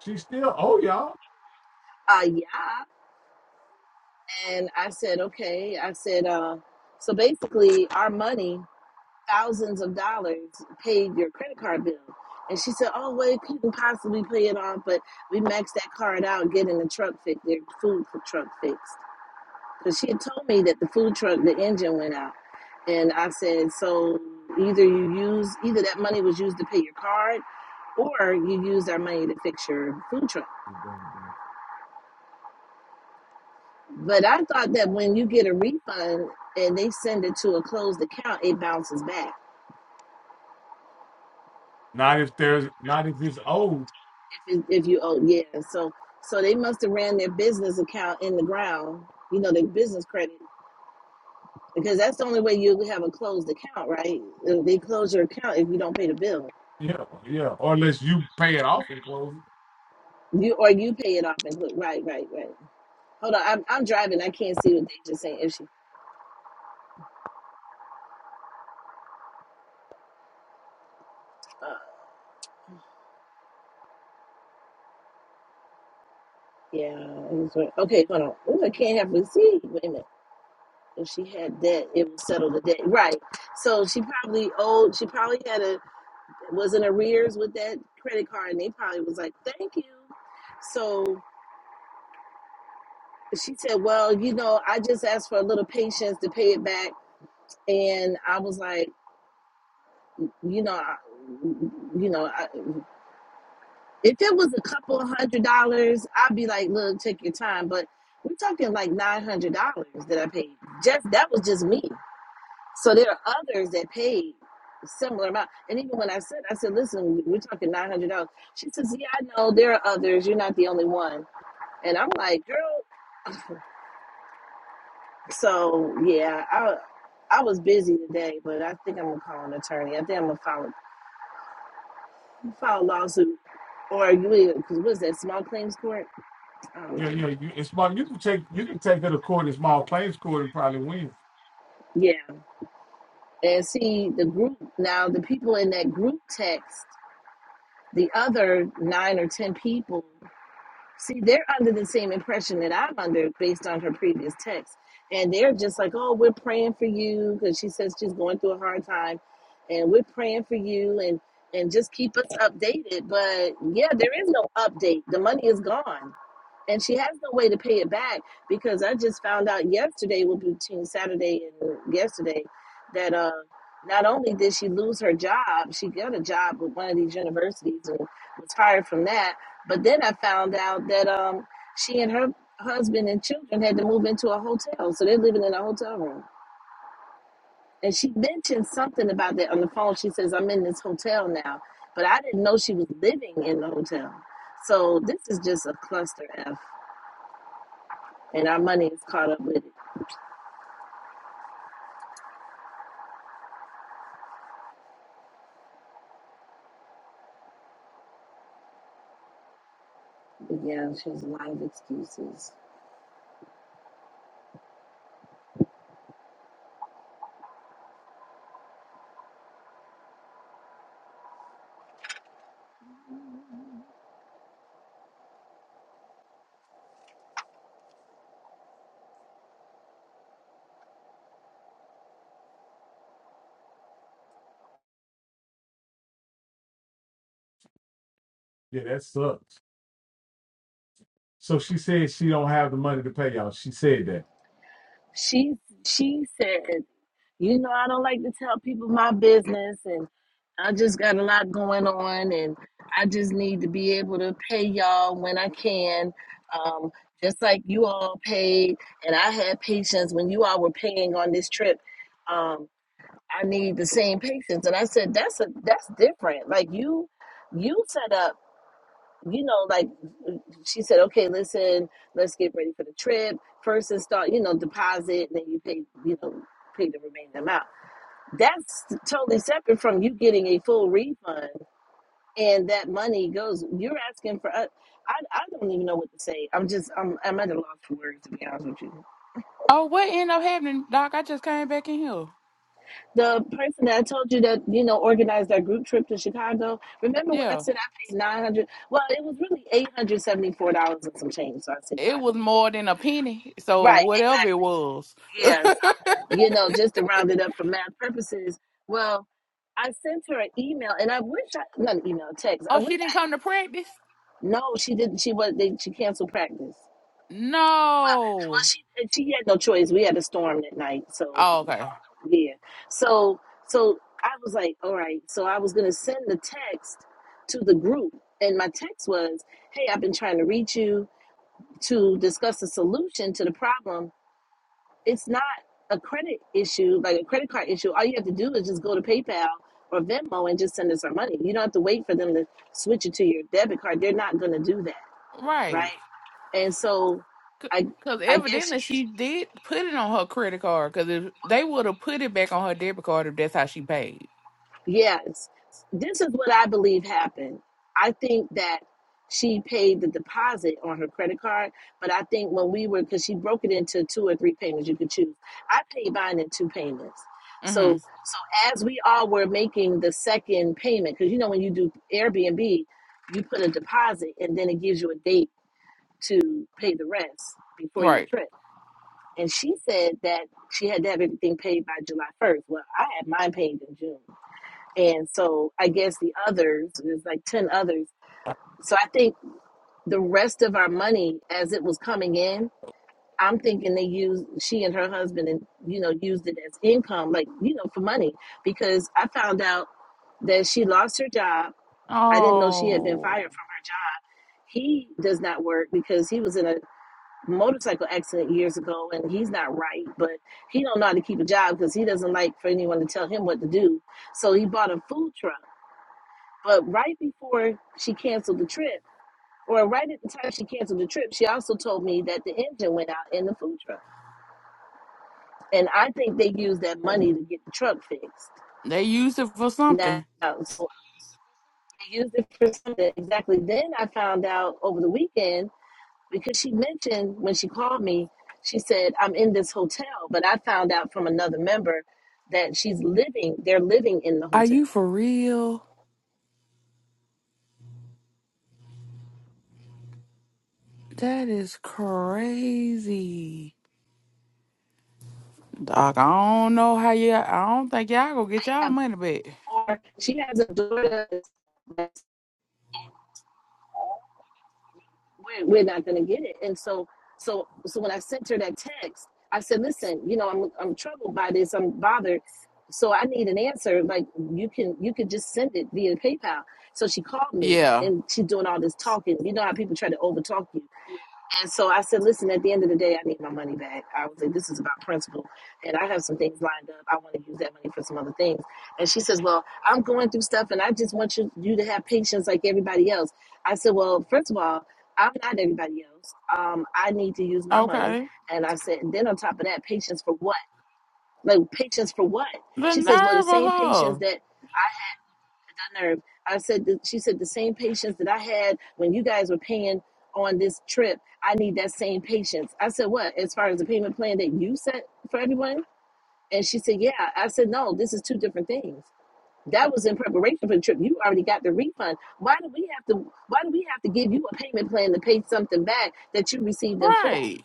She still owe y'all. Uh yeah, and I said okay. I said uh so basically our money thousands of dollars paid your credit card bill. And she said, "Oh, well, you couldn't possibly pay it off, but we maxed that card out, getting the truck fixed, their food truck fixed." Because she had told me that the food truck, the engine went out. And I said, so either you use, either that money was used to pay your card or you used our money to fix your food truck. But I thought that when you get a refund and they send it to a closed account, it bounces back Not if there's not if it's owed. if, if you owe. Yeah. So, so they must have ran their business account in the ground, you know, their business credit, because that's the only way you have a closed account, right? They close your account if you don't pay the bill. Yeah, yeah. Or unless you pay it off in closing. You or you pay it off and look right, right, right. Hold on, I'm I'm driving. I can't see what they just saying. If she, uh, yeah, it was right. okay. Hold on. Ooh, I can't have receipt. Wait a minute. If she had debt, it would settle the debt. Right. So she probably owed. She probably had a was in arrears with that credit card, and they probably was like, "Thank you." So she said, "Well, you know, I just asked for a little patience to pay it back," and I was like, "You know, I, you know." I, If it was a couple hundred dollars, I'd be like, look, take your time. But we're talking like nine hundred dollars that I paid. Just that was just me. So there are others that paid a similar amount. And even when I said, I said, listen, we're talking nine hundred dollars. She says, yeah, I know there are others. You're not the only one. And I'm like, girl. So yeah, I I was busy today, but I think I'm gonna call an attorney. I think I'm gonna file file a lawsuit or because what's that small claims court? I don't Yeah, know. yeah. You, in small, you can take you can take her to court in small claims court and probably win. Yeah. And see, the group now, the people in that group text, the other nine or 10 people, see, they're under the same impression that I'm under based on her previous text. And they're just like, oh, we're praying for you because she says she's going through a hard time and we're praying for you and and just keep us updated. But yeah, there is no update. The money is gone and she has no way to pay it back because I just found out yesterday, well, between Saturday and yesterday, that uh, not only did she lose her job, she got a job with one of these universities and was fired from that. But then I found out that um, she and her husband and children had to move into a hotel, so they're living in a hotel room. And she mentioned something about that on the phone. She says, "I'm in this hotel now," but I didn't know she was living in the hotel. So this is just a cluster f and our money is caught up with it. But yeah, she has a lot of excuses. Yeah, that sucks. So she said she don't have the money to pay y'all. She said that. She she said, you know, I don't like to tell people my business, and I just got a lot going on, and I just need to be able to pay y'all when I can. Um, just like you all paid, and I had patience when you all were paying on this trip. Um, I need the same patience, and I said that's a that's different. Like you, you set up. you know, like she said, okay, listen, let's get ready for the trip. First install, you know, deposit, and then you pay, you know, pay the remaining amount. That's totally separate from you getting a full refund and that money goes, you're asking for, uh, I, I don't even know what to say. I'm just, I'm, I'm at a loss for words, to be honest with you. Oh, what ended up happening, Doc? I just came back in here. The person that I told you that, you know, organized that group trip to Chicago, remember when I Yeah. said I paid 900 Well, it was really $874 and some change, so I said It 900 was more than a penny. So Right, whatever exactly. it was. Yeah, oh, so you know, just to round it up for math purposes, well, I sent her an email, and I wish I not an email, a text. I she wish didn't I come to practice? no, she didn't. She was they she canceled practice. Well, No. she and she had no choice. We had a storm that night, so Oh, okay. yeah. So so I was like, all right. So I was gonna send the text to the group, and my text was, hey, I've been trying to reach you to discuss a solution to the problem it's not a credit issue, like a credit card issue. All you have to do is just go to PayPal or Venmo and just send us our money. You don't have to wait for them to switch it to your debit card. They're not going to do that, right? Right. And so, I Because I guess evidently she did put it on her credit card. Because if they would have put it back on her debit card if that's how she paid. Yes. This is what I believe happened. I think that she paid the deposit on her credit card, but I think when we were, because she broke it into two or three payments you could choose. I paid mine in two payments. Mm-hmm. So, so as we all were making the second payment, because you know when you do Airbnb, you put a deposit and then it gives you a date to pay the rest before your Right. trip. And she said that she had to have everything paid by July 1st. Well, I had mine paid in June. And so I guess the others, there's like 10 others. So I think the rest of our money as it was coming in, I'm thinking they used she and her husband and you know used it as income like you know for money because I found out that she lost her job. I didn't know she had been Oh, fired from her job. He does not work because he was in a motorcycle accident years ago and he's not right, but he don't know how to keep a job because he doesn't like for anyone to tell him what to do. So he bought a food truck but right before she canceled the trip, or right at the time she canceled the trip, she also told me that the engine went out in the food truck. And I think they used that money to get the truck fixed. they used it for Now, something. so they used it for something. Exactly. Then I found out over the weekend because she mentioned when she called me, she said, I'm in this hotel. But I found out from another member that she's living, they're living in the Are you hotel. for real? That is crazy. Doc, I don't know how you. I don't think y'all gonna get y'all Have money back. four- She has a daughter that's we're, we're not going to get it. And so, so, so when I sent her that text, I said, listen, you know, I'm, I'm troubled by this. I'm bothered. So I need an answer. Like you can, you could just send it via PayPal. So she called me Yeah. and she's doing all this talking. You know how people try to overtalk you. And so I said, listen, at the end of the day, I need my money back. I was like, this is about principle. And I have some things lined up. I want to use that money for some other things. And she says, well, I'm going through stuff and I just want you, you to have patience like everybody else. I said, well, first of all, I'm not everybody else. Um, I need to use my money. Okay. And I said, and then on top of that, patience for what? Like, patience for what? The She says, well, the nerve of same patience her. that nerve. I said, that, she said, the same patience that I had when you guys were paying on this trip, I need that same patience. I said, what? As far as the payment plan that you set for everyone? And she said, yeah. I said, no, this is two different things. That was in preparation for the trip. You already got the refund. Why do we have to? Why do we have to give you a payment plan to pay something back that you received in full? Right.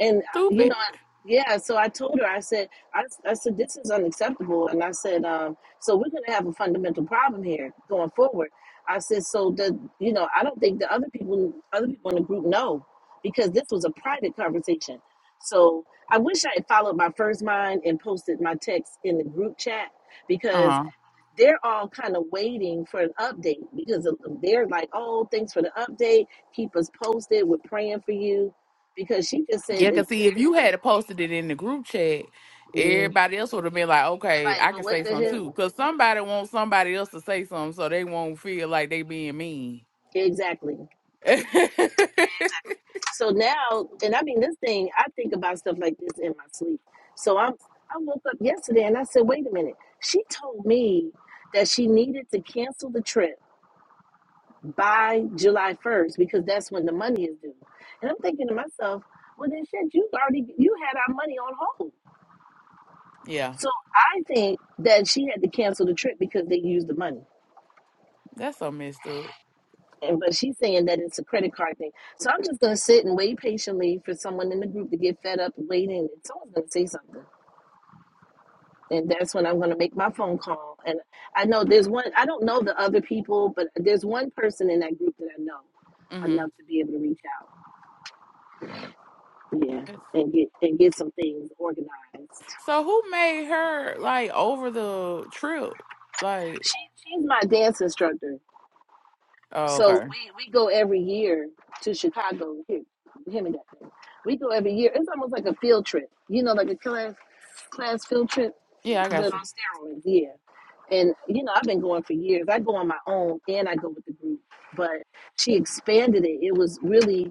and you Stupid. know, I- yeah. So I told her, I said, I, I said this is unacceptable, and I said, um, so we're going to have a fundamental problem here going forward. I said, so the, you know, I don't think the other people, other people in the group know, because this was a private conversation. So I wish I had followed my first mind and posted my text in the group chat because Uh huh. they're all kind of waiting for an update because of- they're like, oh, thanks for the update. Keep us posted. We're praying for you. Because she just said that Yeah, cause see, if you they're had posted it in the group chat, going, mm. everybody else would have been like, "Okay, And like, I well, can what say the something hell? too," cause somebody wants somebody else to say something, so they won't feel like they being mean. Exactly. Exactly. So now, and I mean, this thing, I think about stuff like this in my sleep. So i I woke up yesterday and I said, wait a minute. She told me that she needed to cancel the trip by July 1st because that's when the money is due. And I'm thinking to myself, well then shit, you already you had our money on hold. Yeah, So I think that she had to cancel the trip because they used the money. that's so messed up. And but she's saying that it's a credit card thing. So I'm just gonna sit and wait patiently for someone in the group to get fed up and waiting and someone's gonna say something. And that's when I'm gonna make my phone call. And I know there's one I don't know the other people, but there's one person in that group that I know hmm enough to be able to reach out. Yeah, and get and get some things organized. So who made her like over the trip? Like, She she's my dance instructor, oh, so okay, we we go every year to Chicago. Here, him and that thing. We go every year. It's almost like a field trip, you know, like a class class field trip, yeah, I but got on you. steroids. Yeah, and you know, I've been going for years. I go on my own and I go with the group, but she expanded it. It was really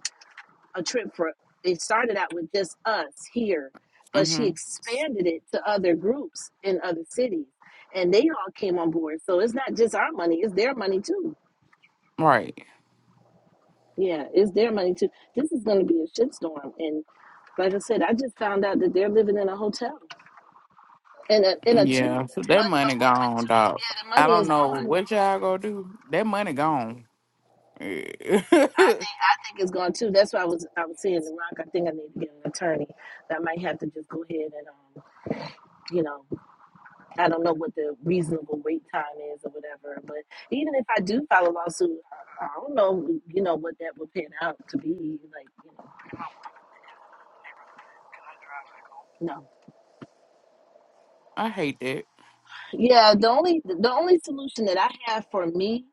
a trip for it started out with just us here but she hmm expanded it to other groups in other cities and they all came on board so it's not just our money it's their money too Right. yeah it's their money too this is going to be a shitstorm and like i said i just found out that they're living in a hotel in a in a two a, Yeah. So that a money room with gone, two dog. yeah the I money don't is know gone what y'all gonna do. That money gone. i I think i think it's gone too that's why i was i was seeing the rock i think i need to get an attorney that might have to just go ahead and um you know I don't know what the reasonable wait time is or whatever. But even if I do file a lawsuit, I I don't know, you know, what that would pan out to be. Like, you know, no. hate that. Yeah, the only the only solution that I have for me,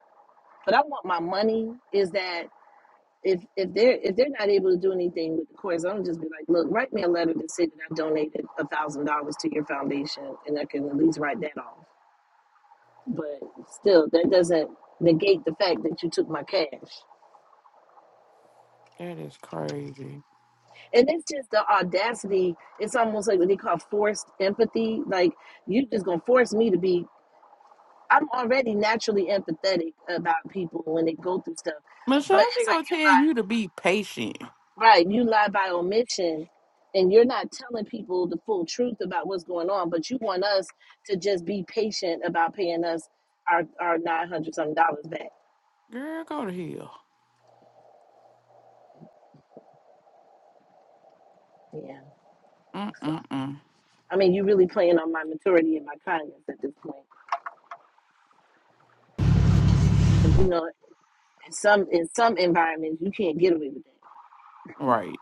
but I want my money, is that if if they're if they're not able to do anything with the courts, I'm gonna just be like, look, write me a letter that say that I donated a thousand dollars to your foundation, and I can at least write that off. But still, that doesn't negate the fact that you took my cash. That is crazy. and it's just the audacity. It's almost like what they call forced empathy. Like you just gonna force me to be. I'm already naturally empathetic about people when they go through stuff, but Mashashi it's like gonna you tell you to be patient. lie, right. You lie by omission, and you're not telling people the full truth about what's going on. But you want us to just be patient about paying us our our nine hundred something dollars back. Girl, go to hell. Yeah. So Mm-mm-mm. I mean, you really playing on my maturity and my kindness at this point, because you know In some in some environments, you can't get away with that. Right.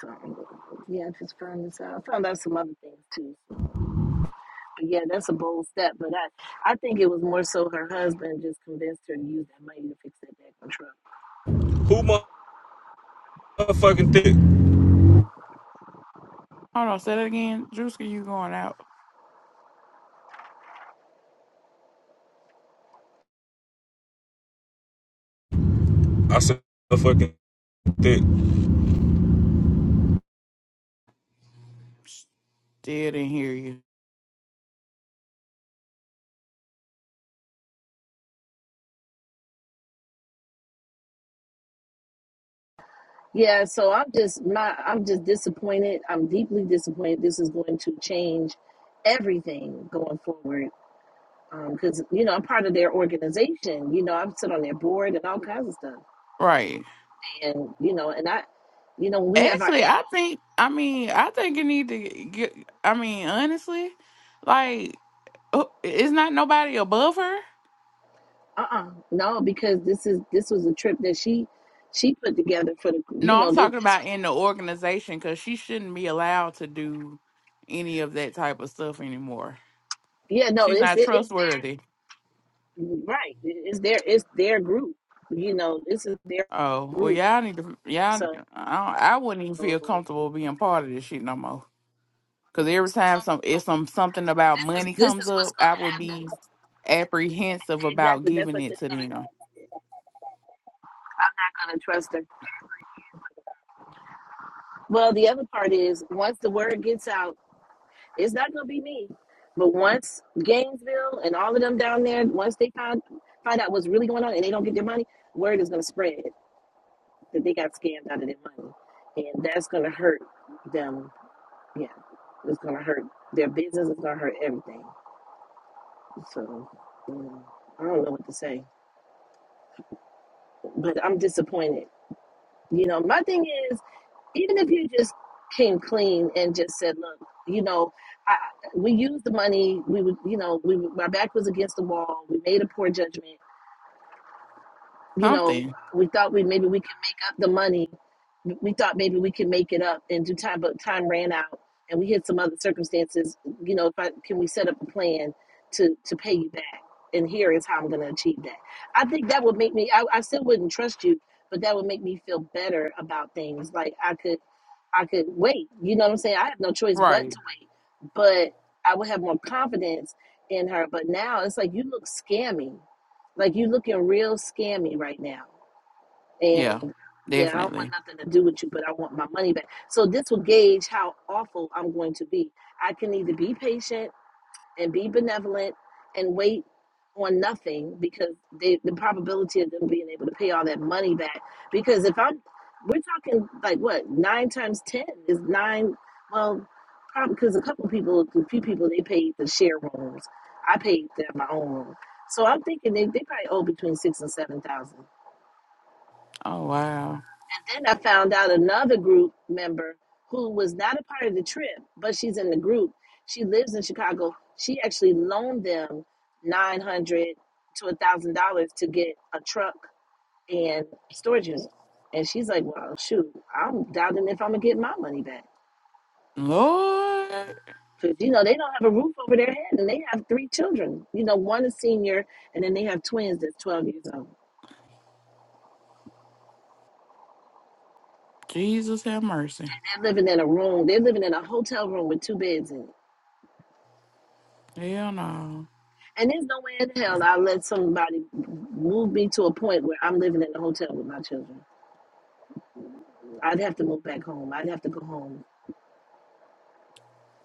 So yeah, I just found this out. I found out some other things too. But yeah, that's a bold step. But I I think it was more so her husband just convinced her to use that money to fix that back on truck. Who motherfucking thick? Hold on, say that again. Juice, you going out? I said motherfucking thick. Still didn't hear you. Yeah, so I'm just my I'm just disappointed. I'm deeply disappointed. This is going to change everything going forward. Because um, you know I'm part of their organization. You know I'm sit on their board and all kinds of stuff. Right. And you know and I, you know when we have our Actually, I think I mean I think you need to get. I mean, honestly, like uh, is not nobody above her. uh-uh no because this is this was a trip that she she put together for the No, you I'm know thi- talking this about was in the organization because she shouldn't be allowed to do any of that type of stuff anymore. their, yeah no She's it's not it, it's trustworthy. their, right It- it's their it's their group you know this is their Oh well, group y'all need to y'all. so, I, I wouldn't even so feel comfortable being part of this shit no more. Cause every time some if some something about this is money this comes is what's up, I gonna would happen be apprehensive about exactly that's giving what's it just to them. gonna I'm not gonna trust her well the other part is once the word gets out it's not gonna be me but once Gainesville and all of them down there once they find find out what's really going on and they don't get their money word is gonna spread that they got scammed out of their money. And that's going to hurt them. Yeah, it's going to hurt their business. It's going to hurt everything. So, you know, I don't know what to say, but I'm disappointed. You know, my thing is, even if you just came clean and just said, look, you know, I, we used the money. We would, you know, we my back was against the wall. We made a poor judgment. you know, Something. we thought we maybe we could make up the money. We thought maybe we could make it up and do time, but time ran out, and we had some other circumstances. You know, if I can we set up a plan to to pay you back, and here is how I'm going to achieve that. I think that would make me. I, I still wouldn't trust you, but that would make me feel better about things. Like I could. I could wait. You know what I'm saying? I have no choice but to Right. wait. But I would have more confidence in her. But now it's like you look scammy. Like you looking real scammy right now. Yeah. And yeah, I don't want Definitely. nothing to do with you, but I want my money back. So this will gauge how awful I'm going to be. I can either be patient and be benevolent and wait on nothing because they, the probability of them being able to pay all that money back. Because if I'm, we're talking like what nine times ten is nine. Well, probably because a couple people, a few people, they paid the share rooms. I paid them my own room, so I'm thinking they, they probably owe between six and seven thousand. Oh wow. And then I found out another group member who was not a part of the trip, but she's in the group. She lives in Chicago. She actually loaned them nine hundred to a thousand dollars to get a truck and storage unit. And she's like, "Well, shoot, I'm doubting if I'm gonna get my money back." Lord Because you know they don't have a roof over their head, and they have three children. You know, one is senior, and then they have twins that's twelve years old. Jesus have mercy. They're living in a room. They're living in a hotel room with two beds in it Hell no. And there's no way in hell I'll let somebody move me to a point where I'm living in a hotel with my children. I'd have to move back home. I'd have to go home.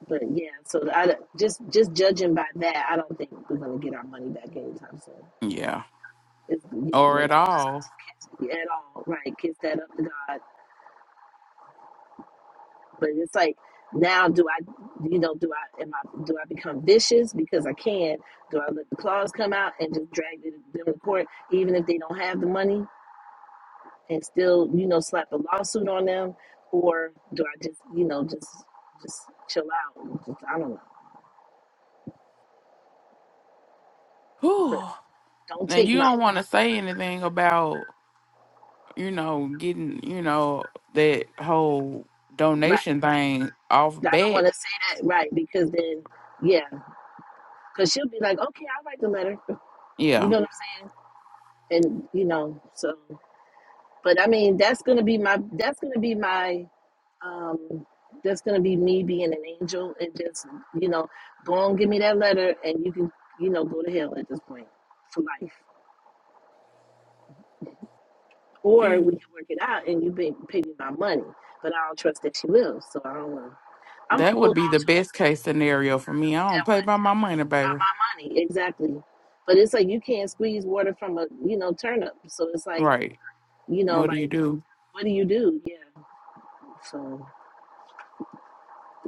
But yeah, so I just just judging by that, I don't think we're gonna get our money back anytime soon. Yeah. It's you know, Or may at all. well just kiss at all, right? Kiss that up to God. But it's like now, do I, you know, do I am I do I become vicious because I can? Do I let the claws come out and just drag them to court, even if they don't have the money? and still, you know, slap a lawsuit on them, or do I just, you know, just just chill out? and Just, I don't know, Whew. but don't And take you my don't want to say anything about, you know, getting, you know, that whole right. donation thing off I don't bat. want to say that right because then, yeah, because she'll be like, okay, I'll write the letter. You Yeah. know what I'm saying? And you know, so but I mean, that's gonna be my that's gonna be my um that's gonna be me being an angel and just you know, go on, give me that letter, and you can you know go to hell at this point for life Or we can work it out and you pay, pay me my money. But I don't trust that she will, so I don't want to. I'm going That to would hold be on the to best case scenario for me. I don't play by that my money, what baby. my, my money. Exactly. But it's like you can't squeeze water from a, you know, turnip. So it's like, Right. you know, What do you like, do? what do you do? Yeah. So,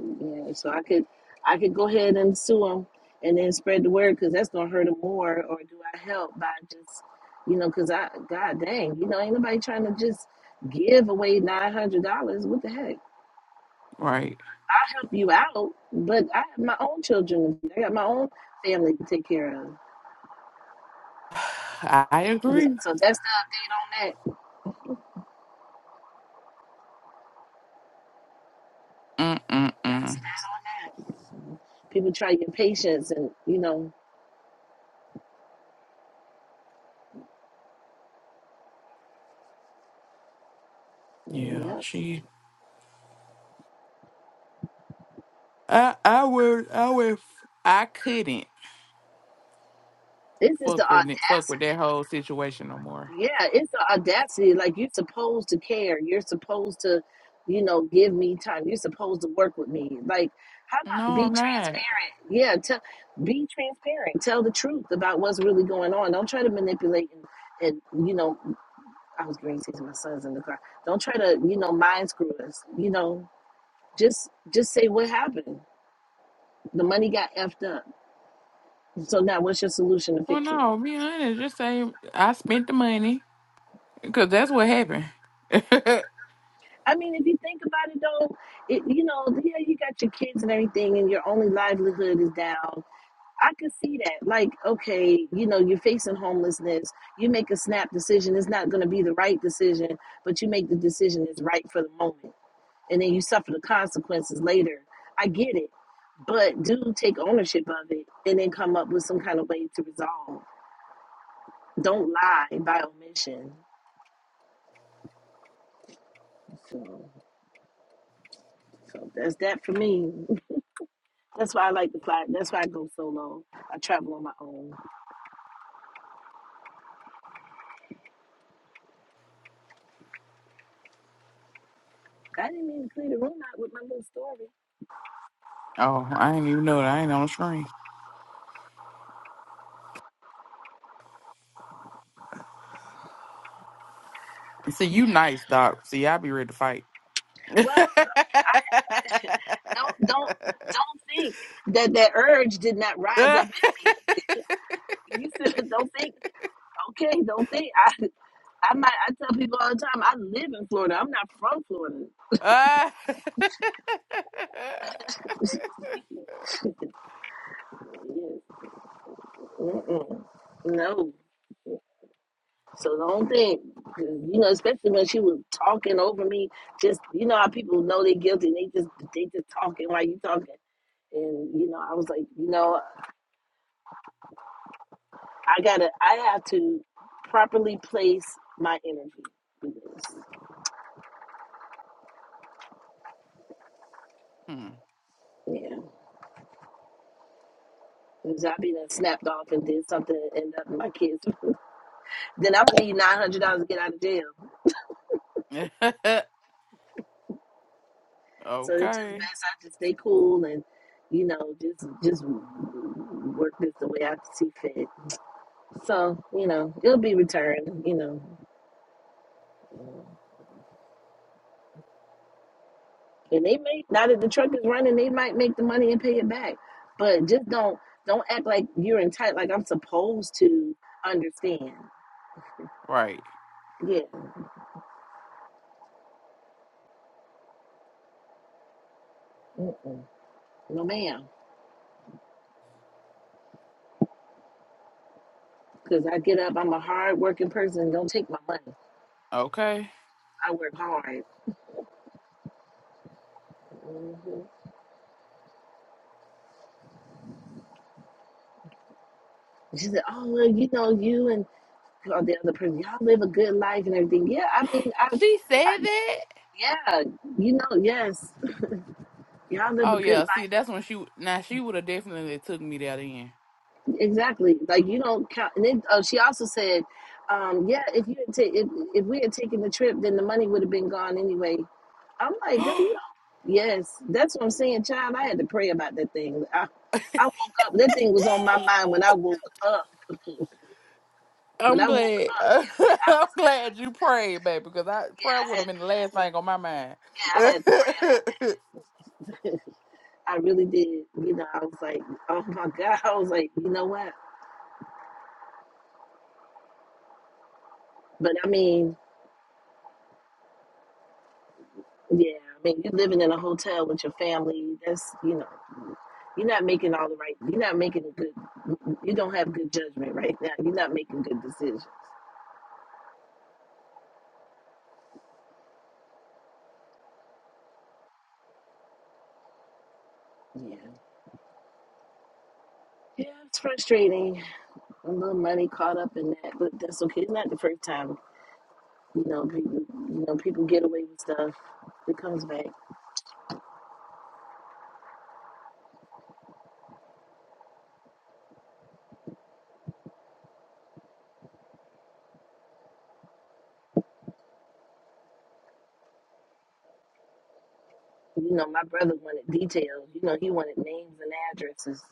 yeah. So I could, I could go ahead and sue him and then spread the word because that's going to hurt him more. Or do I help by just, you know, because I, God dang, you know, ain't nobody trying to just give away $900. What the heck? Right. I help you out, but I have my own children. I got my own family to take care of. I Yeah, agree. so that's the update on that. Mm-mm-mm. That's that on that. People try your patience, and you know, Yeah. yeah, She I I would I would f- I couldn't this is the fuck with it- fuck with audacity. that whole situation no more. Yeah, it's the audacity. Like you're supposed to care. You're supposed to, you know, give me time. You're supposed to work with me. Like, how about No, be I'm not. transparent? Yeah, tell, be transparent. Tell the truth about what's really going on. Don't try to manipulate and and you know I was going to say to my sons in the car, don't try to, you know, mind screw us. You know, just just say what happened. The money got effed up. So now what's your solution to Well fix it? no, be honest, just say I spent the money. Cause that's what happened. oh, I mean, if you think about it though, it you know, yeah, you got your kids and everything and your only livelihood is down. I could see that. Like, okay, you know, you're facing homelessness. You make a snap decision. It's not going to be the right decision, but you make the decision that's right for the moment. and then you suffer the consequences later. I get it, but do take ownership of it and then come up with some kind of way to resolve. Don't lie by omission. So, so that's that for me. That's why I like to fly. That's why I go solo. I travel on my own. I didn't mean to clear the room out with my little story. I didn't even know that I ain't on the screen. See you nice, Doc. See, I be ready to fight. Well, don't don't don't think that that urge did not rise up in me. You said, don't think. Okay, don't think. I. I might. I tell people all the time. I live in Florida. I'm not from Florida. Ah. Mm-mm. No. So don't think, 'cause, you know, especially when she was talking over me. Just you know how people know they're guilty. And they just they just talking while you talking. And you know, I was like, you know, I gotta. I have to properly place my energy. Because, Hmm. yeah, because i be done snapped off and did something and end up in my kids. Then i would need nine hundred dollars to get out of jail. So it's just okay. best I just stay cool and, you know, just just work this the way I see fit. So you know, it'll be returned. You know, and they may now that the truck is running, they might make the money and pay it back. But just don't don't act like you're entitled. Like I'm supposed to understand. Right. Yeah, Mm-mm. no ma'am. Because I get up, I'm a hard working person. Don't take my money. Okay. I work hard. hmm she said, "Oh, well, you know, you and on the other person. Y'all live a good life and everything. Yeah, I mean, I, She I said that? yeah, you know, yes, y'all live Oh a good yeah. See, life. that's when she now she would have definitely took me there then. Exactly. Like you don't count. And then oh, she also said, um, yeah, if you had ta- if if we had taken the trip, then the money would have been gone anyway. I'm like, girl, you don't. Yes, that's what I'm saying, child. I had to pray about that thing. I, I woke up. That thing was on my mind when I woke up. when I'm I woke glad. up yesterday, I I'm was, uh, glad you prayed, baby, because I yeah, prayer would I have had, been the last thing on my mind. yeah, I had to pray about that. I really did. You know, I was like, oh my God. I was like, you know what? But I mean, yeah, I mean, you're living in a hotel with your family. That's, you know, you're not making all the right, you're not making a good, you don't have good judgment right now. You're not making good decisions. Yeah. Yeah, it's frustrating. A little money caught up in that, but that's okay. It's not the first time, you know, people, you know, people get away with stuff. It comes back. You know, my brother wanted details. You know, he wanted names and addresses